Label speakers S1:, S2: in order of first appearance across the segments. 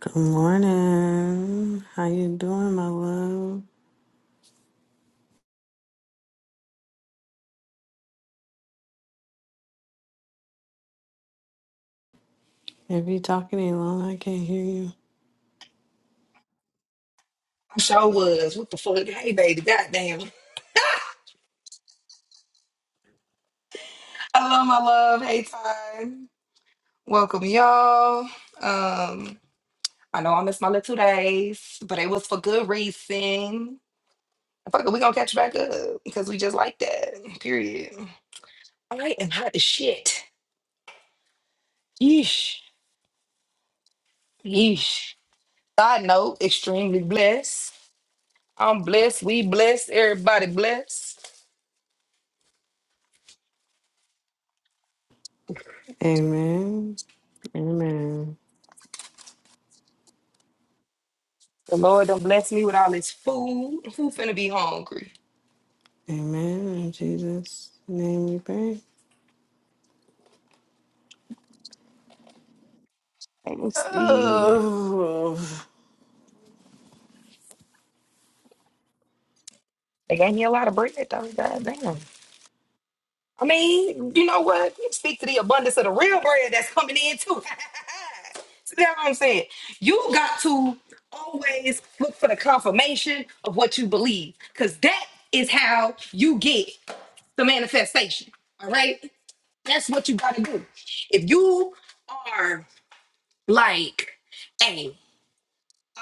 S1: Good morning. How you doing, my love? If you talking any long, I can't hear you.
S2: I sure was. What the fuck? Hey, baby. Goddamn. Hello, my love. Hey, time. Welcome, y'all. Um, I know I missed my little two days, but it was for good reason. Fuck it, we gonna catch back up because we just like that. Period. I am hot as shit. Yeesh. Yeesh. Side note, extremely blessed. I'm blessed. We blessed. Everybody blessed.
S1: Amen. Amen.
S2: The Lord done bless me with all this food. Who finna be hungry?
S1: Amen. In Jesus' name we pray.
S2: Let me see.
S1: Oh.
S2: They gave me a lot of bread though. God damn. I mean, you know what? speak to the abundance of the real bread that's coming in too. See that's what I'm saying? You got to always look for the confirmation of what you believe. Cause that is how you get the manifestation. All right. That's what you gotta do. If you are like, hey,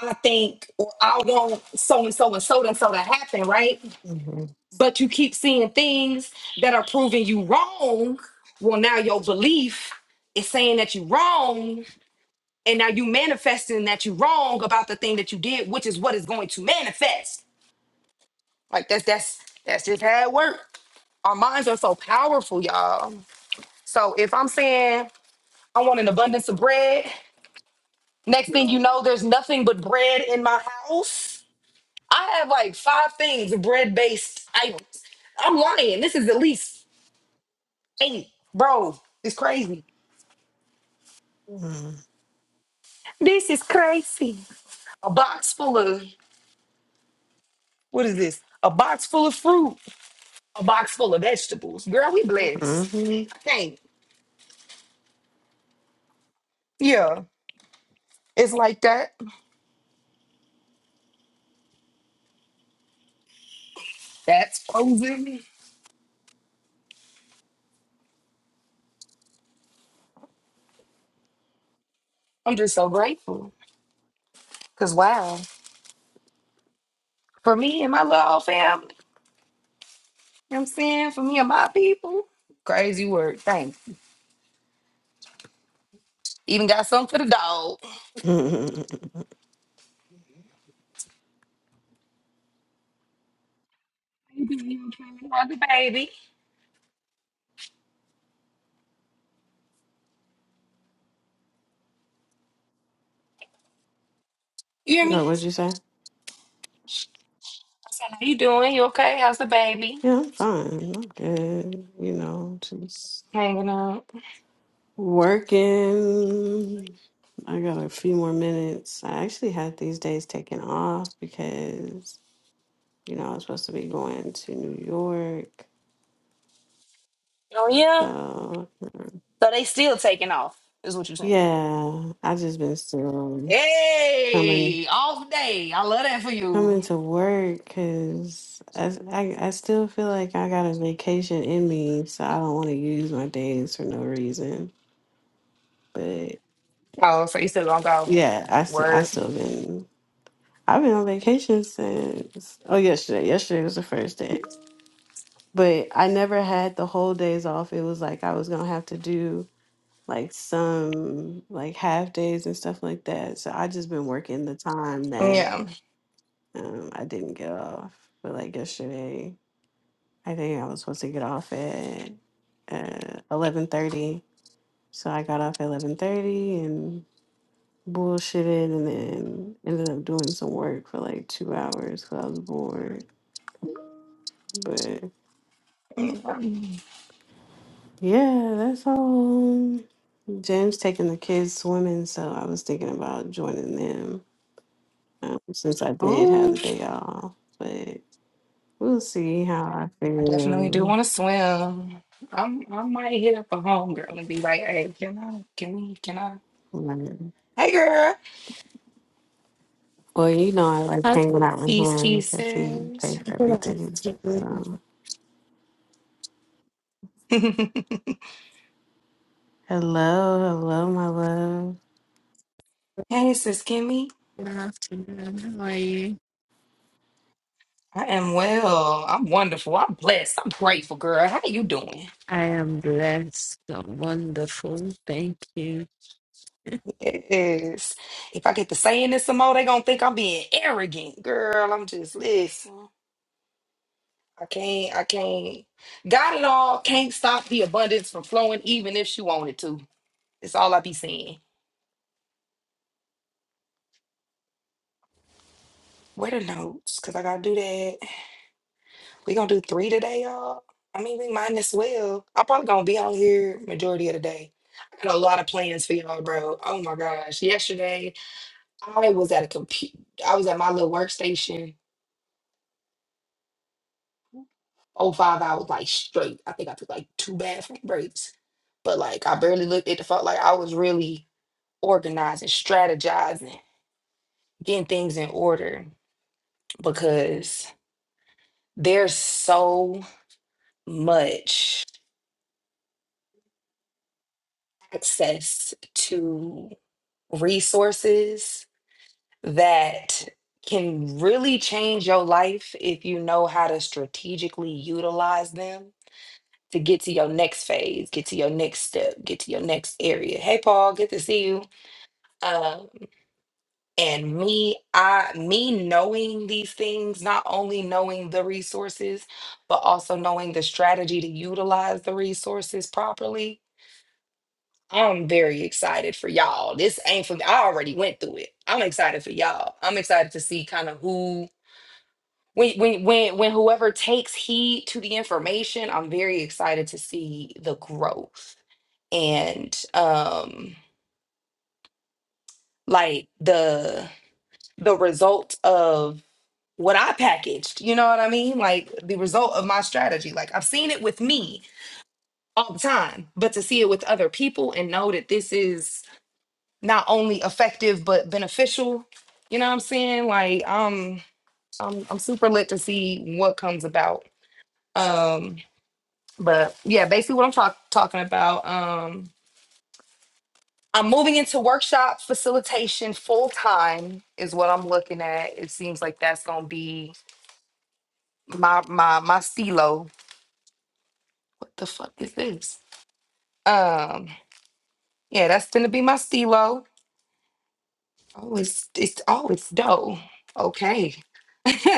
S2: I think or I want so and so and so and so to happen, right?
S1: Mhm.
S2: but you keep seeing things that are proving you wrong. Well, now your belief is saying that you're wrong, and now you manifesting that you're wrong about the thing that you did, which is what is going to manifest. Like that's that's that's just how it works. Our minds are so powerful, y'all. So if I'm saying I want an abundance of bread, next thing you know, there's nothing but bread in my house. I have like five things bread based items. I'm lying. This is at least Eight, bro, it's crazy.
S1: Mhm.
S2: This is crazy. A box full of what is this? A box full of fruit, a box full of vegetables. Girl, we blessed. I can't. Yeah, it's like that. That's frozen. I'm just so grateful. Cause wow, for me and my little family, you know what I'm saying for me and my people, crazy work. Thanks. Even got something for the dog.
S1: Mhm.
S2: you doing? You okay? How's the baby? You hear me?
S1: no,
S2: I
S1: what'd you say?
S2: said, how you doing? You okay? How's the baby?
S1: Yeah, I'm fine. I'm good. You know, just
S2: Hanging out.
S1: working. I got a few more minutes. I actually had these days taken off because You know, I was supposed to be going to New York.
S2: Oh yeah.
S1: So
S2: So they still taking off, is what you're saying.
S1: yeah, I just been still coming
S2: Hey, off day. I love that for
S1: coming
S2: you.
S1: to work because I, I I still feel like I got a vacation in me, so I don't want to use my days for no reason. But
S2: Oh, so you still gonna go.
S1: yeah, I still I
S2: Word.
S1: still been I've been on vacation since oh yesterday. Yesterday was the first day, but I never had the whole days off. It was like I was gonna have to do. like some like half days and stuff like that. So I just been working the time that
S2: Yeah.
S1: um, I didn't get off. But like yesterday, I think I was supposed to get off at uh, eleven thirty. So I got off at eleven thirty and bullshitted, and then ended up doing some work for like two hours because I was bored. But yeah, that's all. Jim's taking the kids swimming, so I was thinking about joining them. um, since I did have
S2: Ooh,
S1: the day off. But we'll see how I
S2: I definitely do
S1: feel.
S2: wanna swim. I'm I might hit up a homegirl and be like, hey, can I can we can I
S1: Like,
S2: Hey girl.
S1: well, you know, I like
S3: Hi,
S1: hanging out with
S2: Peace,
S1: him
S2: peace,
S1: because he
S2: sis.
S1: paid for
S3: good
S1: everything.
S3: afternoon.
S1: So,
S2: hey
S1: hello, hello, my love.
S2: sis Kimmy.
S3: Good afternoon. How are you?
S2: I am well. I'm wonderful. I'm blessed. I'm grateful, girl. How you doing?
S3: I am blessed. I'm wonderful. Thank you.
S2: It is. If I get to saying this some more, they gonna think I'm being arrogant. Girl, I'm just listen. I can't, I can't. Got it all. Can't stop the abundance from flowing, even if she wanted to. It's all I be saying. Where the notes? Cause I gotta do that. We gonna do three today, y'all. I mean, we might as well. I'm probably gonna be on here majority of the day. I got a lot of plans for y'all, bro. Oh my gosh. Yesterday, I was at a computer. I was at my little workstation oh five hours like straight. I think I took like two bathroom breaks. But like I barely looked at the phone. Like I was really organizing, strategizing, getting things in order because there's so much access to resources that can really change your life if you know how to strategically utilize them to get to your next phase, get to your next step, get to your next area. Hey, Paul, good to see you. Um, and me, I me knowing these things, not only knowing the resources, but also knowing the strategy to utilize the resources properly. I'm very excited for y'all. This ain't for me. I already went through it. I'm excited for y'all. I'm excited to see kind of who when when when when whoever takes heed to the information, I'm very excited to see the growth and um like the the result what I packaged. You know what I mean? Like the result of my strategy. Like I've seen it with me all the time, but to see it with other people and know that this is not only effective but beneficial. You know what I'm saying? Like um I'm I'm super lit to see what comes about. Um but yeah, basically what I'm talk- talking about um I'm moving into workshop facilitation full time is what I'm looking at. It seems like that's going to be my my my stilo What the fuck is this? Um, yeah, that's gonna be my stilo. Oh, it's it's oh, it's dough. Okay.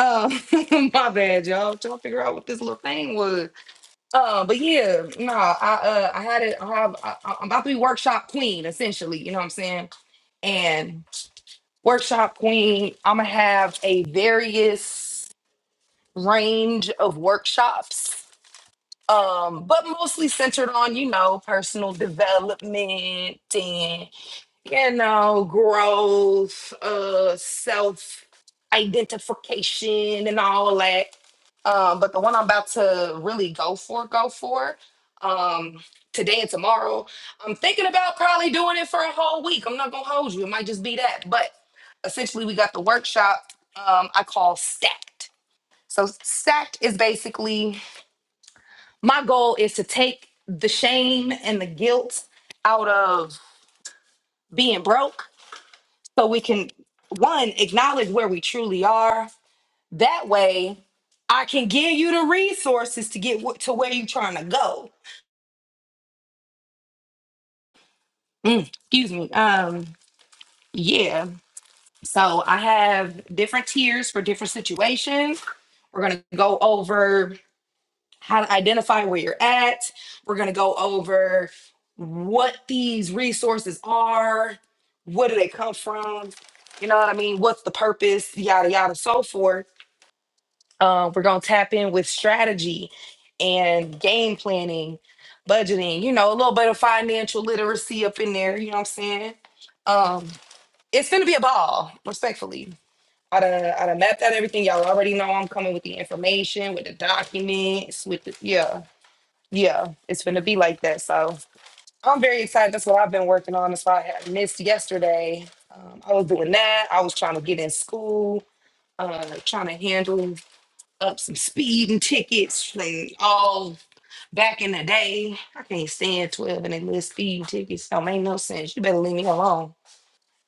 S2: Um, my bad, y'all. Trying to figure out what this little thing was. Uh, but yeah, no, I uh, I had it. I have. I, I'm about to be workshop queen, essentially. You know what I'm saying? And workshop queen, I'm gonna have a various range of workshops um, but mostly centered on you know personal development and you know growth, uh, self identification and all that. Um, but the one I'm about to really go for, go for, um, today and tomorrow, I'm thinking about probably doing it for a whole week. I'm not gonna hold you. It might just be that, but essentially we got the workshop um, I call stacked. So stacked is basically my goal is to take the shame and the guilt out of being broke so we can one acknowledge where we truly are that way i can give you the resources to get wh- to where you're trying to go Mm, excuse me um yeah so i have different tiers for different situations we're going to go over how to identify where you're at. We're going to go over what these resources are, where do they come from, you know what I mean? What's the purpose, yada, yada, so forth. Uh, we're going to tap in with strategy and game planning, budgeting, you know, a little bit of financial literacy up in there, you know what I'm saying? Um, it's going to be a ball, respectfully. I done, I done mapped out everything. Y'all already know I'm coming with the information, with the documents, with the, yeah. Yeah, it's gonna be like that. So I'm very excited. That's what I've been working on. That's why I had missed yesterday. Um, I was doing that. I was trying to get in school, uh, trying to handle up some speeding tickets, like all back in the day. I can't stand 12 and they little speeding tickets. Don't make no sense. You better leave me alone.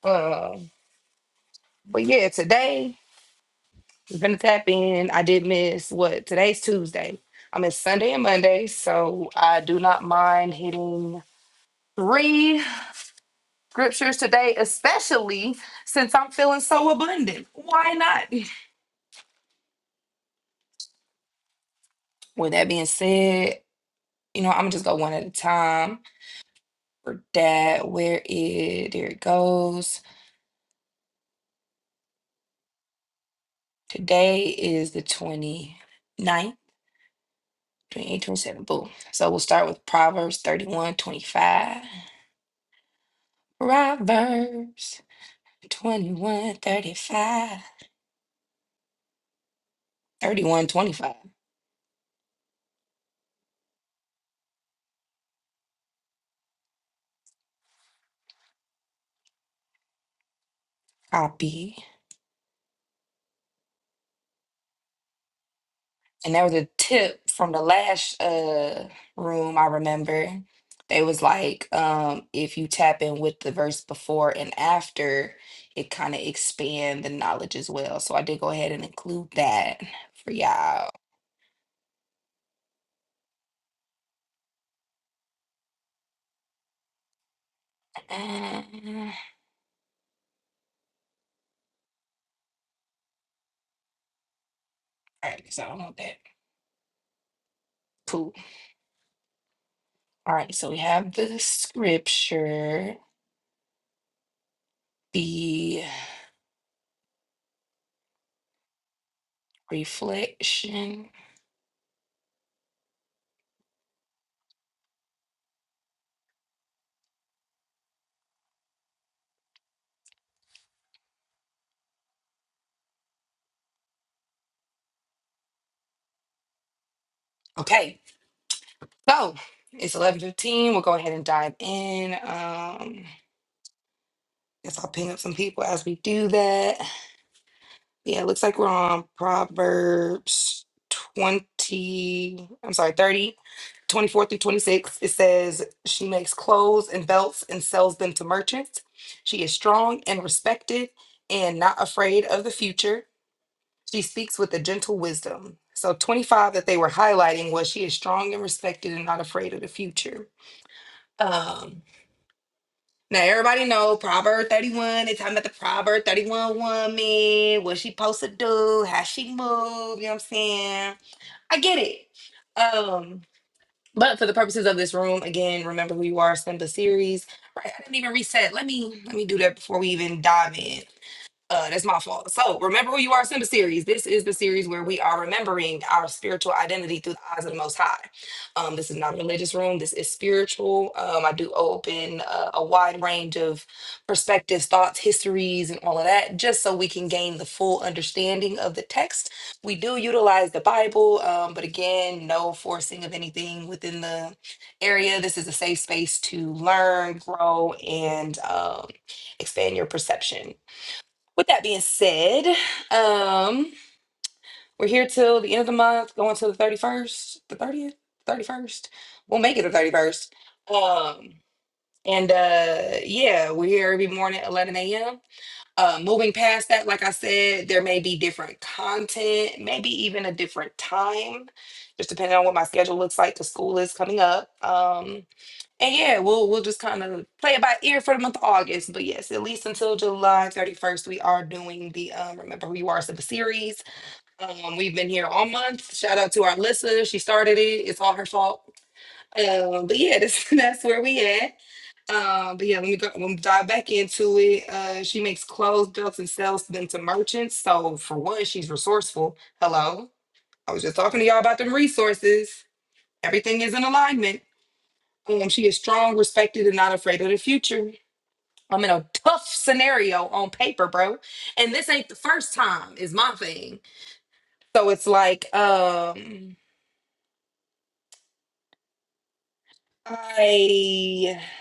S2: Um, but yeah, today we're gonna tap in. I did miss what today's Tuesday. I miss Sunday and Monday, so I do not mind hitting three. scriptures today, especially since I'm feeling so abundant. Why not? With that being said, you know, I'm gonna just go one at a time for that. Where it there it goes. Today is the twenty ninth, 27, boom. So we'll start with Proverbs 31 25. Proverbs 21 35. 31 25. Copy. And there was a tip from the last uh room I remember. They was like, um, if you tap in with the verse before and after, it kind of expand the knowledge as well. So I did go ahead and include that for y'all. Mm, All right, so I don't know that. Cool. All right, so we have the scripture, the reflection. Okay, so it's eleven fifteen. We'll go ahead and dive in. Um Guess I'll ping up some people as we do that. Yeah, it looks like we're on Proverbs 20, I'm sorry, 30, 24 through 26. It says, She makes clothes and belts and sells them to merchants. She is strong and respected and not afraid of the future. She speaks with a gentle wisdom. So 25 that they were highlighting was she is strong and respected and not afraid of the future. Um. Now everybody know Proverb 31. They talking about the Proverb 31 woman, what she supposed to do, how she move, you know what I'm saying? I get it. Um, but for the purposes of this room, again, remember who you are, send the series. Right, I didn't even reset. Let me let me do that before we even dive in. Uh, that's my fault. So remember who you are, Simba series. This is the series where we are remembering our spiritual identity through the eyes of the Most High. Um, this is not a religious room. This is spiritual. Um, I do open uh, a wide range of perspectives, thoughts, histories, and all of that, just so we can gain the full understanding of the text. We do utilize the Bible, um, but again, no forcing of anything within the area. This is a safe space to learn, grow, and um, expand your perception. With that being said, um, we're here till the end of the month, going to the 31st, the 30th, 31st. We'll make it the 31st. Um, and uh, yeah, we're here every morning at 11 a.m. Uh, moving past that, like I said, there may be different content, maybe even a different time, just depending on what my schedule looks like because school is coming up. Um. And yeah, we'll we'll just kind of play it by ear for the month of August. But yes, at least until July 31st, we are doing the um Remember Who You Are sub series. Um, we've been here all month. Shout out to our Alyssa. She started it. It's all her fault. Um, but yeah, this, that's where we at. Um, but yeah, let me go let me dive back into it. Uh she makes clothes, belts, and sells them to merchants. So for one, she's resourceful. Hello. I was just talking to y'all about them resources. Everything is in alignment. Um, she is strong, respected, and not afraid of the future. I'm in a tough scenario on paper, bro. And this ain't the first time, is my thing. So it's like, um, I I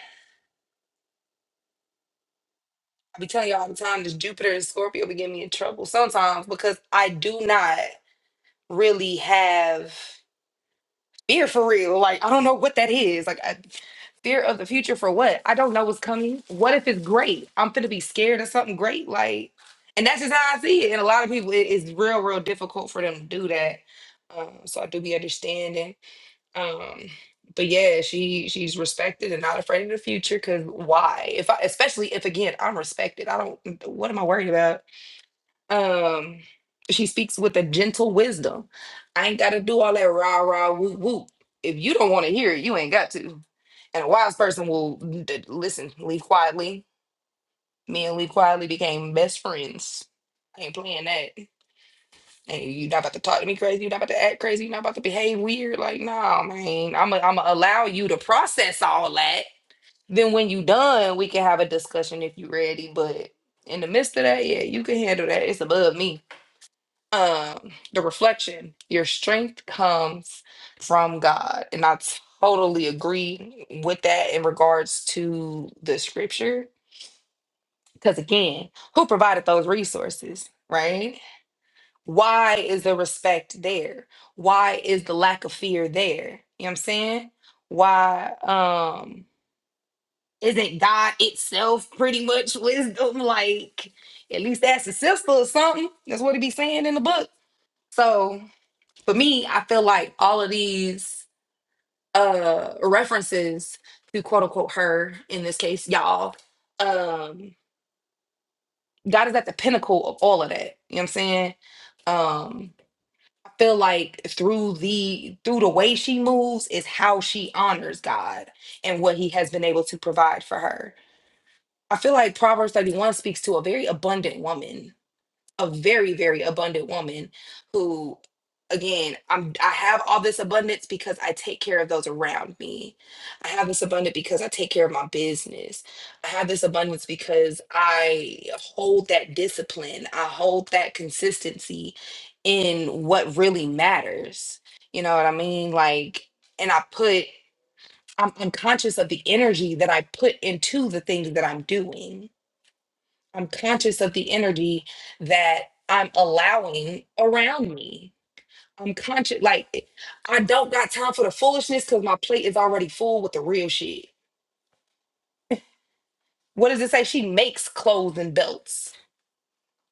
S2: be telling y'all all the time this Jupiter and Scorpio be getting me in trouble sometimes because I do not really have fear for real. Like, I don't know what that is. Like, I, fear of the future for what? I don't know what's coming. What if it's great? I'm gonna be scared of something great. Like, and that's just how I see it. And a lot of people, it- it's real, real difficult for them to do that. Um, so I do be understanding. Um, but yeah, she she's respected and not afraid of the future. Cause why? If I, especially if again I'm respected, I don't. What am I worried about? Um, she speaks with a gentle wisdom. I ain't got to do all that rah rah whoop whoop. If you don't want to hear it, you ain't got to. And a wise person will d- listen. Leave quietly. Me and Leave quietly became best friends. I ain't playing that. And you not about to talk to me crazy. You not about to act crazy. You not about to behave weird. Like, nah, man. I'm gonna I'm allow you to process all that. Then when you done, we can have a discussion if you ready. But in the midst of that, yeah, you can handle that. It's above me um the reflection your strength comes from god and i totally agree with that in regards to the scripture because again who provided those resources right why is the respect there why is the lack of fear there you know what i'm saying why um isn't god itself pretty much wisdom like at least that's a sister or something that's what it be saying in the book so for me, I feel like all of these uh references to quote unquote her in this case, y'all, um, God is at the pinnacle of all of that. You know what I'm saying? Um, I feel like through the through the way she moves is how she honors God and what he has been able to provide for her. I feel like Proverbs 31 speaks to a very abundant woman a very very abundant woman who again i'm i have all this abundance because i take care of those around me i have this abundance because i take care of my business i have this abundance because i hold that discipline i hold that consistency in what really matters you know what i mean like and i put i'm, I'm conscious of the energy that i put into the things that i'm doing I'm conscious of the energy that I'm allowing around me. I'm conscious, like, I don't got time for the foolishness because my plate is already full with the real shit. What does it say? She makes clothes and belts.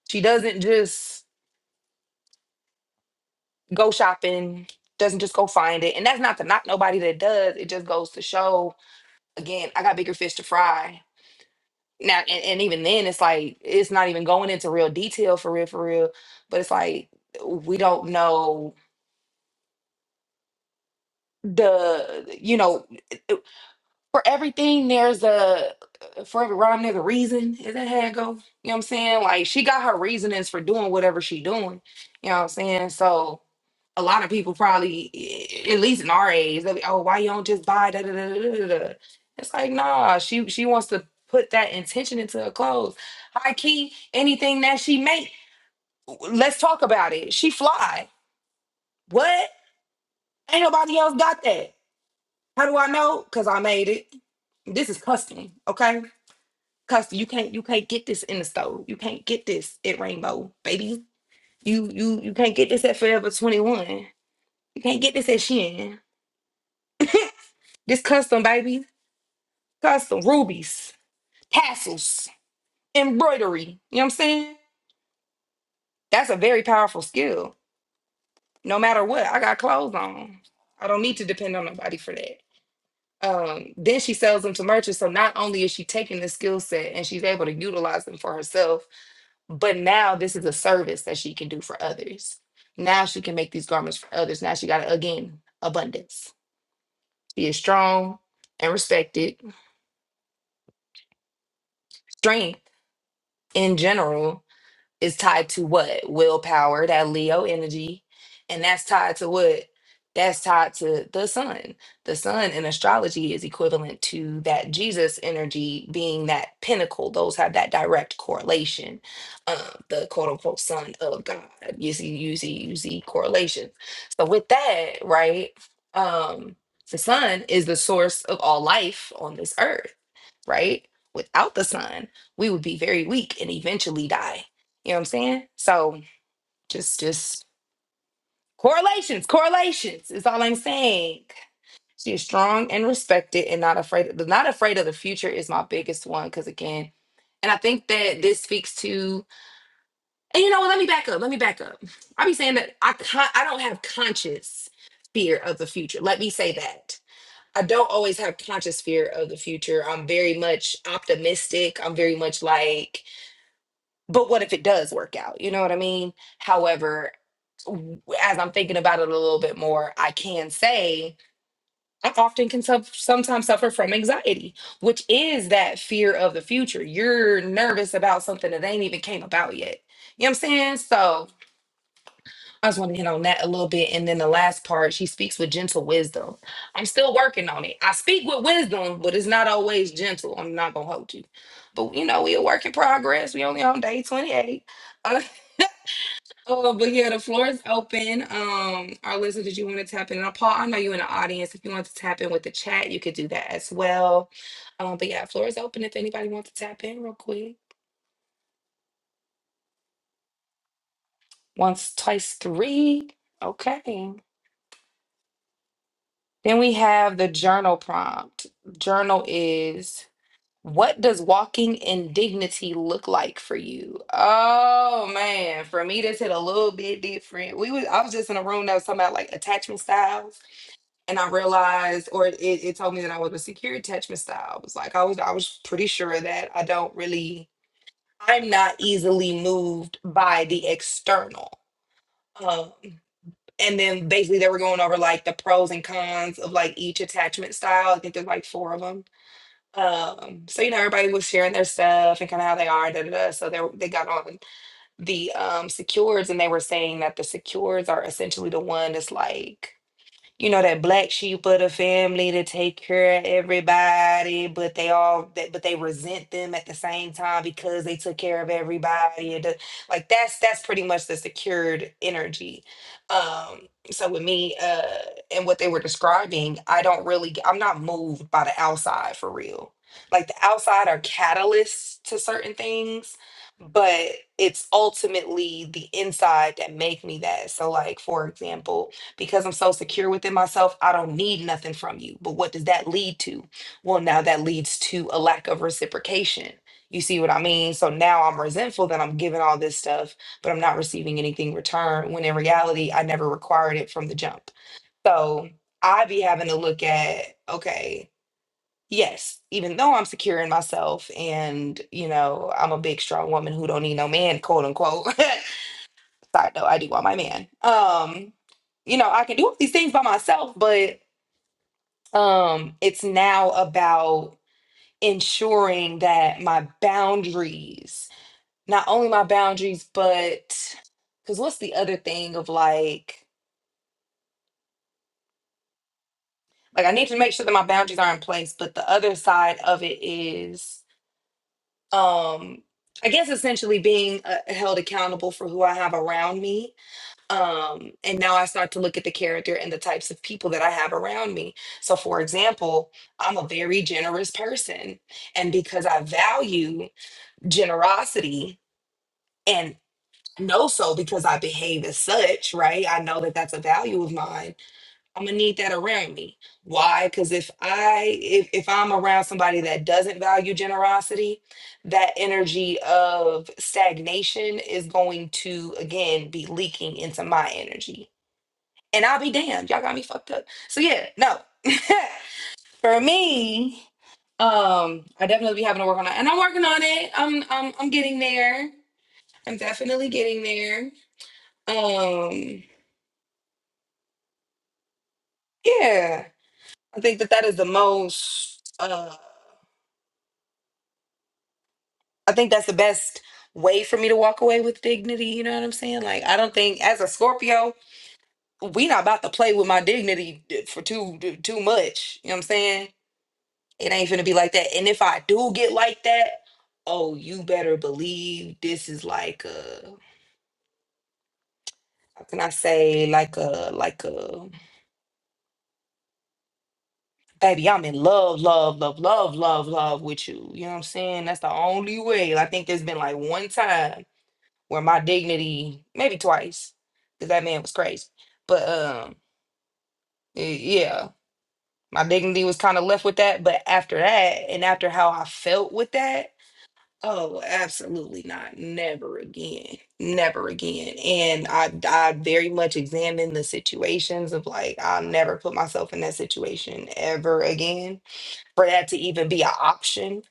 S2: She doesn't just go shopping, doesn't just go find it. And that's not to knock nobody that does. It just goes to show, again, I got bigger fish to fry. Now, and, and even then, it's like, it's not even going into real detail for real, for real. But it's like, we don't know the you know for everything there's a uh, for every rhyme there's a reason is that how it go you know what i'm saying like she got her reasonings for doing whatever she doing you know what i'm saying so a lot of people probably i- at least in our age they'll be oh why you don't just buy da da da da da da it's like nah she she wants to put that intention into her clothes high key anything that she make let's talk about it she fly what ain't nobody else got that How do I know? Because I made it. This is custom, okay? Custom. You can't you can't get this in the store. You can't get this at Rainbow, baby. You you you can't get this at Forever 21. You can't get this at Shein. This custom, baby. Custom rubies, tassels, embroidery. You know what I'm saying? That's a very powerful skill. No matter what, I got clothes on. I don't need to depend on nobody for that um, then she sells them to merchants. So not only is she taking the skill set and she's able to utilize them for herself, But now this is a service that she can do for others. Now she can make these garments for others. Now she got, again, abundance. She is strong and respected. Strength in general is tied to what? Willpower, that Leo energy. And that's tied to what? That's tied to the sun. The sun in astrology is equivalent to that Jesus energy being that pinnacle. Those have that direct correlation. Uh, the quote unquote son of God. You see, you see, you see correlation. So with that, right? Um, the sun is the source of all life on this earth right? Without the sun, we would be very weak and eventually die. You know what I'm saying? So just just correlations, correlations is all I'm saying. She is strong and respected and not afraid not afraid of the future is my biggest one because again, and I think that this speaks to and you know what, let me back up. Let me back up. I be saying that I con- I don't have conscious fear of the future. Let me say that. I don't always have conscious fear of the future. I'm very much optimistic. I'm very much like, but what if it does work out? You know what I mean? However, w- as I'm thinking about it a little bit more, I can say I often can suf- sometimes suffer from anxiety, which is that fear of the future. You're nervous about something that ain't even came about yet. You know what I'm saying? So I just want to hit on that a little bit. And then the last part, she speaks with gentle wisdom. I'm still working on it. I speak with wisdom, but it's not always gentle. I'm not going to hold you. But, you know, we a work in progress. We only on day 28. Uh, oh, but yeah, the floor is open. Um, Our listeners, did you want to tap in? And Paul, I know you in the audience. If you want to tap in with the chat, you could do that as well. Um, but yeah, floor is open if anybody wants to tap in real quick. Once, twice, three. Okay. Then we have the journal prompt. Journal is what does walking in dignity look like for you? Oh man, for me this hit a little bit different. We was I was just in a room that was talking about like attachment styles, and I realized, or it, it told me that I was a secure attachment style. It was like I was I was pretty sure that I don't really I'm not easily moved by the external. Um, and then basically they were going over like the pros and cons of like each attachment style. I think there's like four of them. Um, so you know everybody was sharing their stuff and kind of how they are. Da, da, da. So they were- they got on the um secures and they were saying that the secures are essentially the one that's like you know, that black sheep of the family to take care of everybody, but they all that but they resent them at the same time because they took care of everybody. And the- like that's that's pretty much the secured energy. Um so with me uh and what they were describing, I don't really I'm not moved by the outside for real. Like the outside are catalysts to certain things, but it's ultimately the inside that make me that. So like for example, because I'm so secure within myself, I don't need nothing from you. But what does that lead to? Well, now that leads to a lack of reciprocation. You see what I mean? So now I'm resentful that I'm giving all this stuff, but I'm not receiving anything in return when in reality, I never required it from the jump. So I be having to look at, okay, yes, even though I'm secure in myself and, you know, I'm a big, strong woman who don't need no man, quote unquote, Side note, I do want my man. Um, you know, I can do all these things by myself, but um, it's now about ensuring that my boundaries, not only my boundaries, but because what's the other thing of like, like I need to make sure that my boundaries are in place, but the other side of it is, um, I guess essentially being uh, held accountable for who I have around me um and now i start to look at the character and the types of people that i have around me so for example i'm a very generous person and because i value generosity and know so because i behave as such right i know that that's a value of mine i'm gonna need that around me why because if i if, if i'm around somebody that doesn't value generosity that energy of stagnation is going to again be leaking into my energy and I'll be damned. Y'all got me fucked up. So yeah, no. For me, um, I definitely be having to work on it. And I'm working on it. I'm I'm I'm getting there. I'm definitely getting there. Um, yeah. I think that that is the most uh I think that's the best way for me to walk away with dignity, you know what I'm saying? Like I don't think as a Scorpio, we not about to play with my dignity uh, for too too much, you know what I'm saying? It ain't finna be like that. And if I do get like that, oh, you better believe this is like a how can I say like a like a baby, I'm in love, love, love, love, love, love with you. You know what I'm saying? That's the only way. I think there's been like one time where my dignity, maybe twice, because that man was crazy. But um y- yeah, my dignity was kind of left with that. But after that, and after how I felt with that Oh, absolutely not. Never again. Never again. And I I very much examine the situations of like I'll never put myself in that situation ever again for that to even be an option.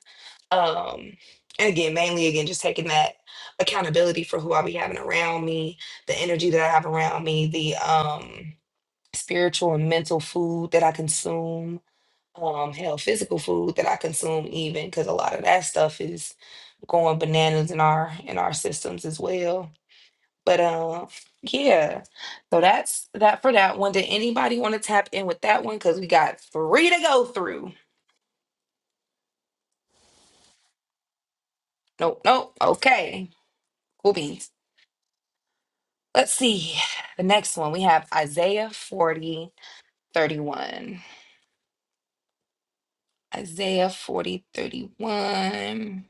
S2: Um and again, mainly again just taking that accountability for who I be having around me, the energy that I have around me, the um spiritual and mental food that I consume um hell physical food that I consume even because a lot of that stuff is going bananas in our in our systems as well. But um yeah. So that's that for that one. Did anybody want to tap in with that one? Cause we got three to go through. Nope, nope. Okay. Cool beans. Let's see. The next one we have Isaiah forty thirty one. Isaiah 40 31.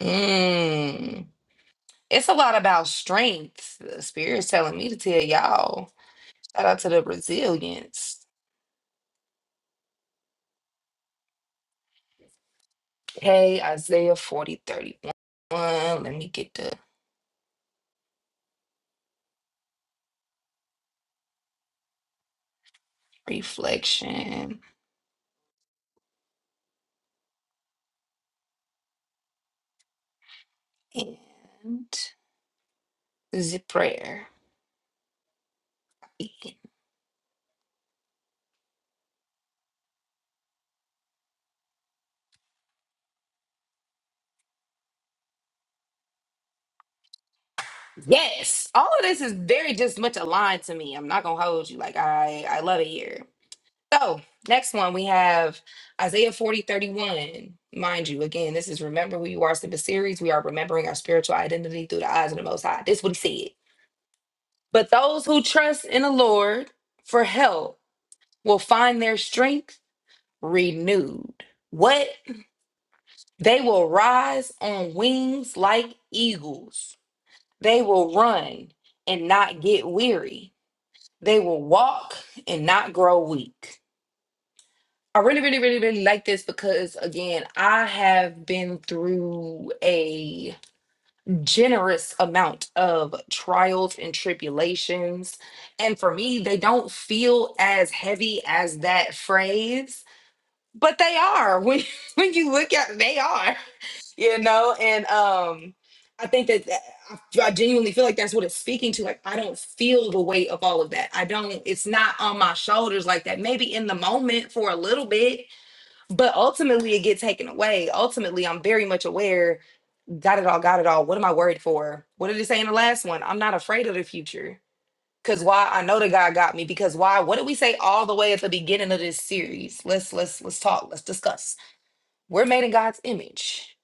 S2: 31. Mm. It's a lot about strength. The spirit's telling me to tell y'all. Shout out to the resilience. Hey, Isaiah 40 31. Let me get the reflection and the prayer. Yes, all of this is very just much aligned to me. I'm not gonna hold you. Like I, I love it here. So, next one we have Isaiah 40 31. Mind you, again, this is Remember Who You Are Simple series. We are remembering our spiritual identity through the eyes of the Most High. This is what he said. But those who trust in the Lord for help will find their strength renewed. What? They will rise on wings like eagles. They will run and not get weary. They will walk and not grow weak. I really, really, really, really like this because, again, I have been through a generous amount of trials and tribulations. And for me, they don't feel as heavy as that phrase, but they are. When, when you look at it, they are, you know? And um, I think that that- I I genuinely feel like that's what it's speaking to. Like, I don't feel the weight of all of that. I don't, it's not on my shoulders like that. Maybe in the moment for a little bit but ultimately it get taken away ultimately i'm very much aware got it all got it all what am i worried for what did it say in the last one i'm not afraid of the future because why i know that god got me because why what did we say all the way at the beginning of this series let's let's let's talk let's discuss we're made in god's image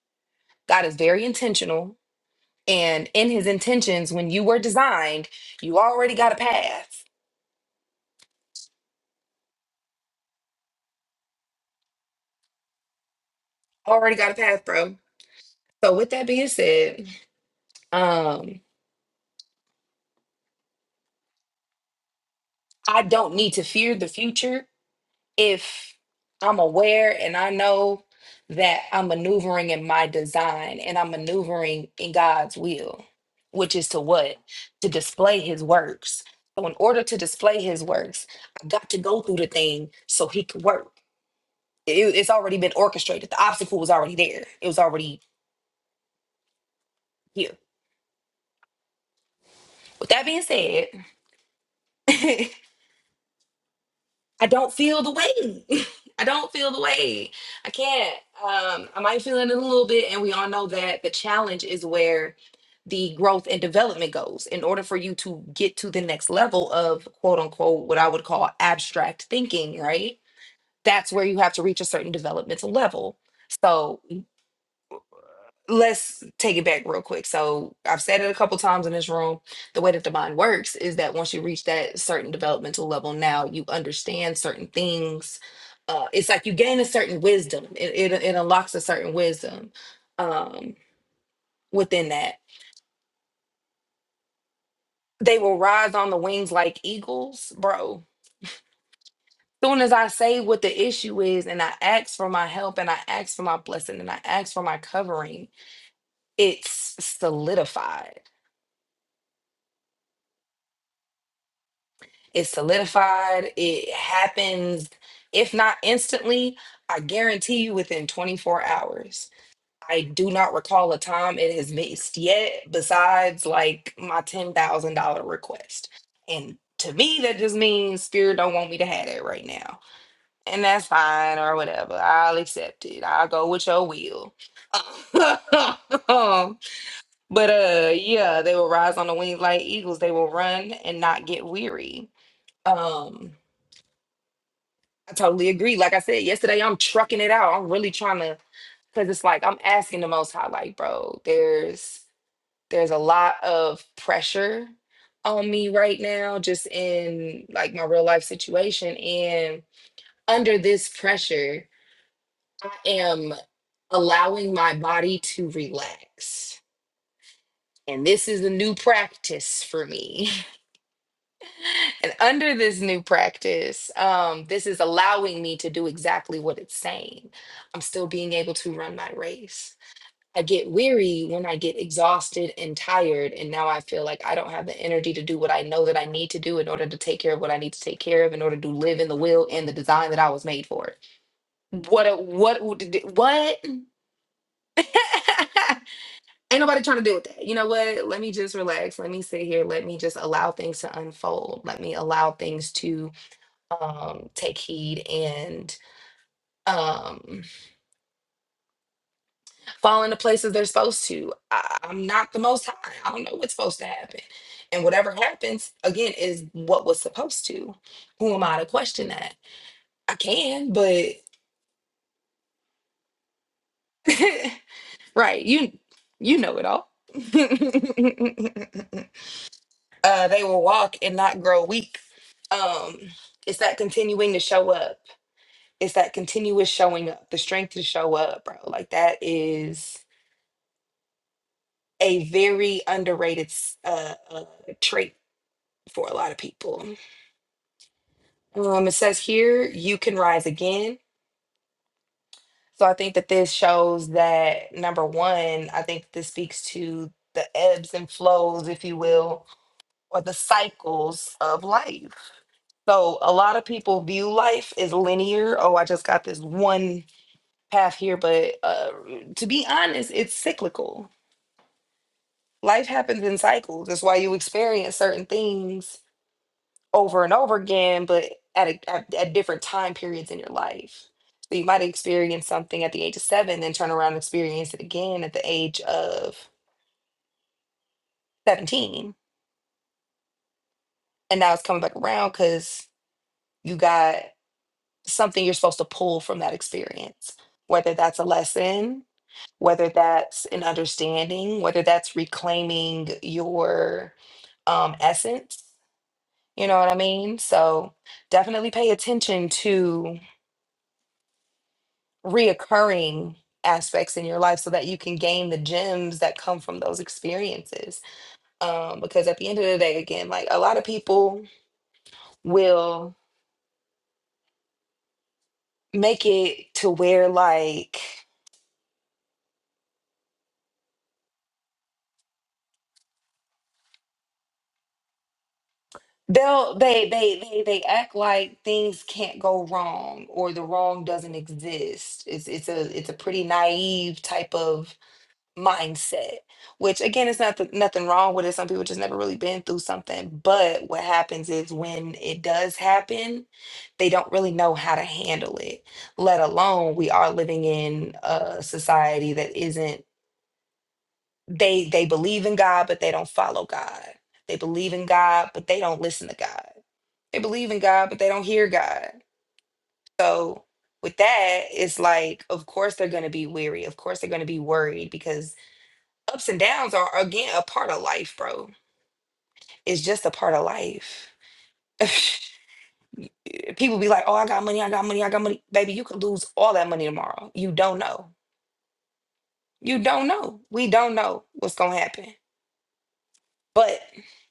S2: god is very intentional and in his intentions when you were designed you already got a path already got a path bro so with that being said um i don't need to fear the future if I'm aware and I know that I'm maneuvering in my design and I'm maneuvering in God's will, which is to what? To display his works. So, in order to display his works, I got to go through the thing so he could work. It- it's already been orchestrated, the obstacle was already there, it was already here. With that being said, I don't feel the way. I don't feel the way. I can't. Um, I might feel it in a little bit, and we all know that the challenge is where the growth and development goes. In order for you to get to the next level of quote unquote what I would call abstract thinking, right? That's where you have to reach a certain developmental level. So let's take it back real quick. So I've said it a couple times in this room. The way that the mind works is that once you reach that certain developmental level, now you understand certain things. Uh, it's like you gain a certain wisdom. It, it it unlocks a certain wisdom um, within that. They will rise on the wings like eagles, bro. Soon as I say what the issue is, and I ask for my help, and I ask for my blessing, and I ask for my covering, it's solidified It's solidified. It happens, if not instantly, I guarantee you within 24 hours. I do not recall a time it has missed yet, besides like my $10,000 request. And to me, that just means spirit don't want me to have that right now. And that's fine or whatever. I'll accept it. I'll go with your will. but uh yeah, they will rise on the wings like eagles. They will run and not get weary. Um I totally agree. Like I said yesterday, I'm trucking it out. I'm really trying to because it's like I'm asking the most high, like, bro, there's there's a lot of pressure on me right now, just in like my real life situation. And under this pressure, I am allowing my body to relax. And this is a new practice for me. And under this new practice, um, this is allowing me to do exactly what it's saying. I'm still being able to run my race. I get weary when I get exhausted and tired. And now I feel like I don't have the energy to do what I know that I need to do in order to take care of what I need to take care of, in order to live in the will and the design that I was made for. What, a, what, would- what? Ain't nobody trying to deal with that. You know what? Let me just relax. Let me sit here. Let me just allow things to unfold. Let me allow things to um, take heed and um, fall into places they're supposed to. I, I'm not the most high. I don't know what's supposed to happen. And whatever happens, again, is what was supposed to. Who am I to question that? I can, but right, you you know it all. uh, they will walk and not grow weak. Um, it's that continuing to show up. It's that continuous showing up, the strength to show up, bro. Like that is a very underrated s- uh, uh, trait for a lot of people. Um, it says here, you can rise again. So I think that this shows that number one, I think this speaks to the ebbs and flows, if you will, or the cycles of life. So a lot of people view life as linear. Oh, I just got this one path here. But uh, to be honest, it's cyclical. Life happens in cycles. That's why you experience certain things over and over again, but at, a, at at different time periods in your life. So you might experience something at the age of seven, then turn around and experience it again at the age of seventeen, and now it's coming back around because you got something you're supposed to pull from that experience, whether that's a lesson, whether that's an understanding, whether that's reclaiming your um, essence. You know what I mean? So definitely pay attention to. reoccurring aspects in your life so that you can gain the gems that come from those experiences. Um, because at the end of the day, again, like a lot of people will make it to where like they'll they they they they act like things can't go wrong or the wrong doesn't exist. It's it's a it's a pretty naive type of mindset which again it's not th- nothing wrong with it some people just never really been through something but what happens is when it does happen they don't really know how to handle it let alone we are living in a society that isn't they they believe in god but they don't follow god they believe in god but they don't listen to god they believe in god but they don't hear god so with that it's like of course they're going to be weary of course they're going to be worried because ups and downs are again a part of life, bro. It's just a part of life. People be like, "Oh, I got money, I got money, I got money." Baby, you could lose all that money tomorrow. You don't know. You don't know. We don't know what's going to happen. But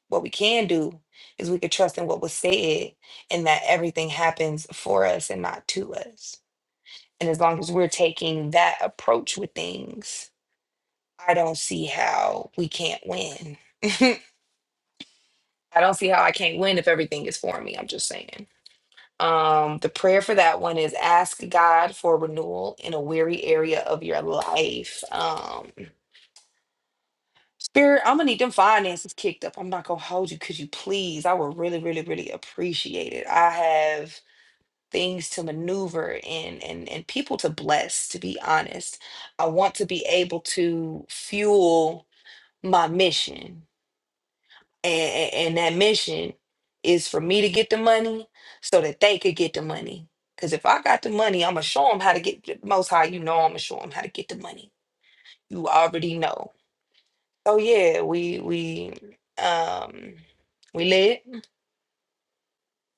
S2: what we can do is we could trust in what was said and that everything happens for us and not to us. And as long as we're taking that approach with things, I don't see how we can't win. I don't see how I can't win if everything is for me. I'm just saying. Um, the prayer for that one is ask God for renewal in a weary area of your life. Um, Spirit, I'm gonna need them finances kicked up. I'm not gonna hold you. Could you please? I would really, really, really appreciate it. I have things to maneuver and and and people to bless, to be honest. I want to be able to fuel my mission. and, and that mission is for me to get the money so that they could get the money. Because if I got the money, I'm going to show them how to get the most high. You know, I'm going to show them how to get the money. You already know. So yeah, we, we, um, we lit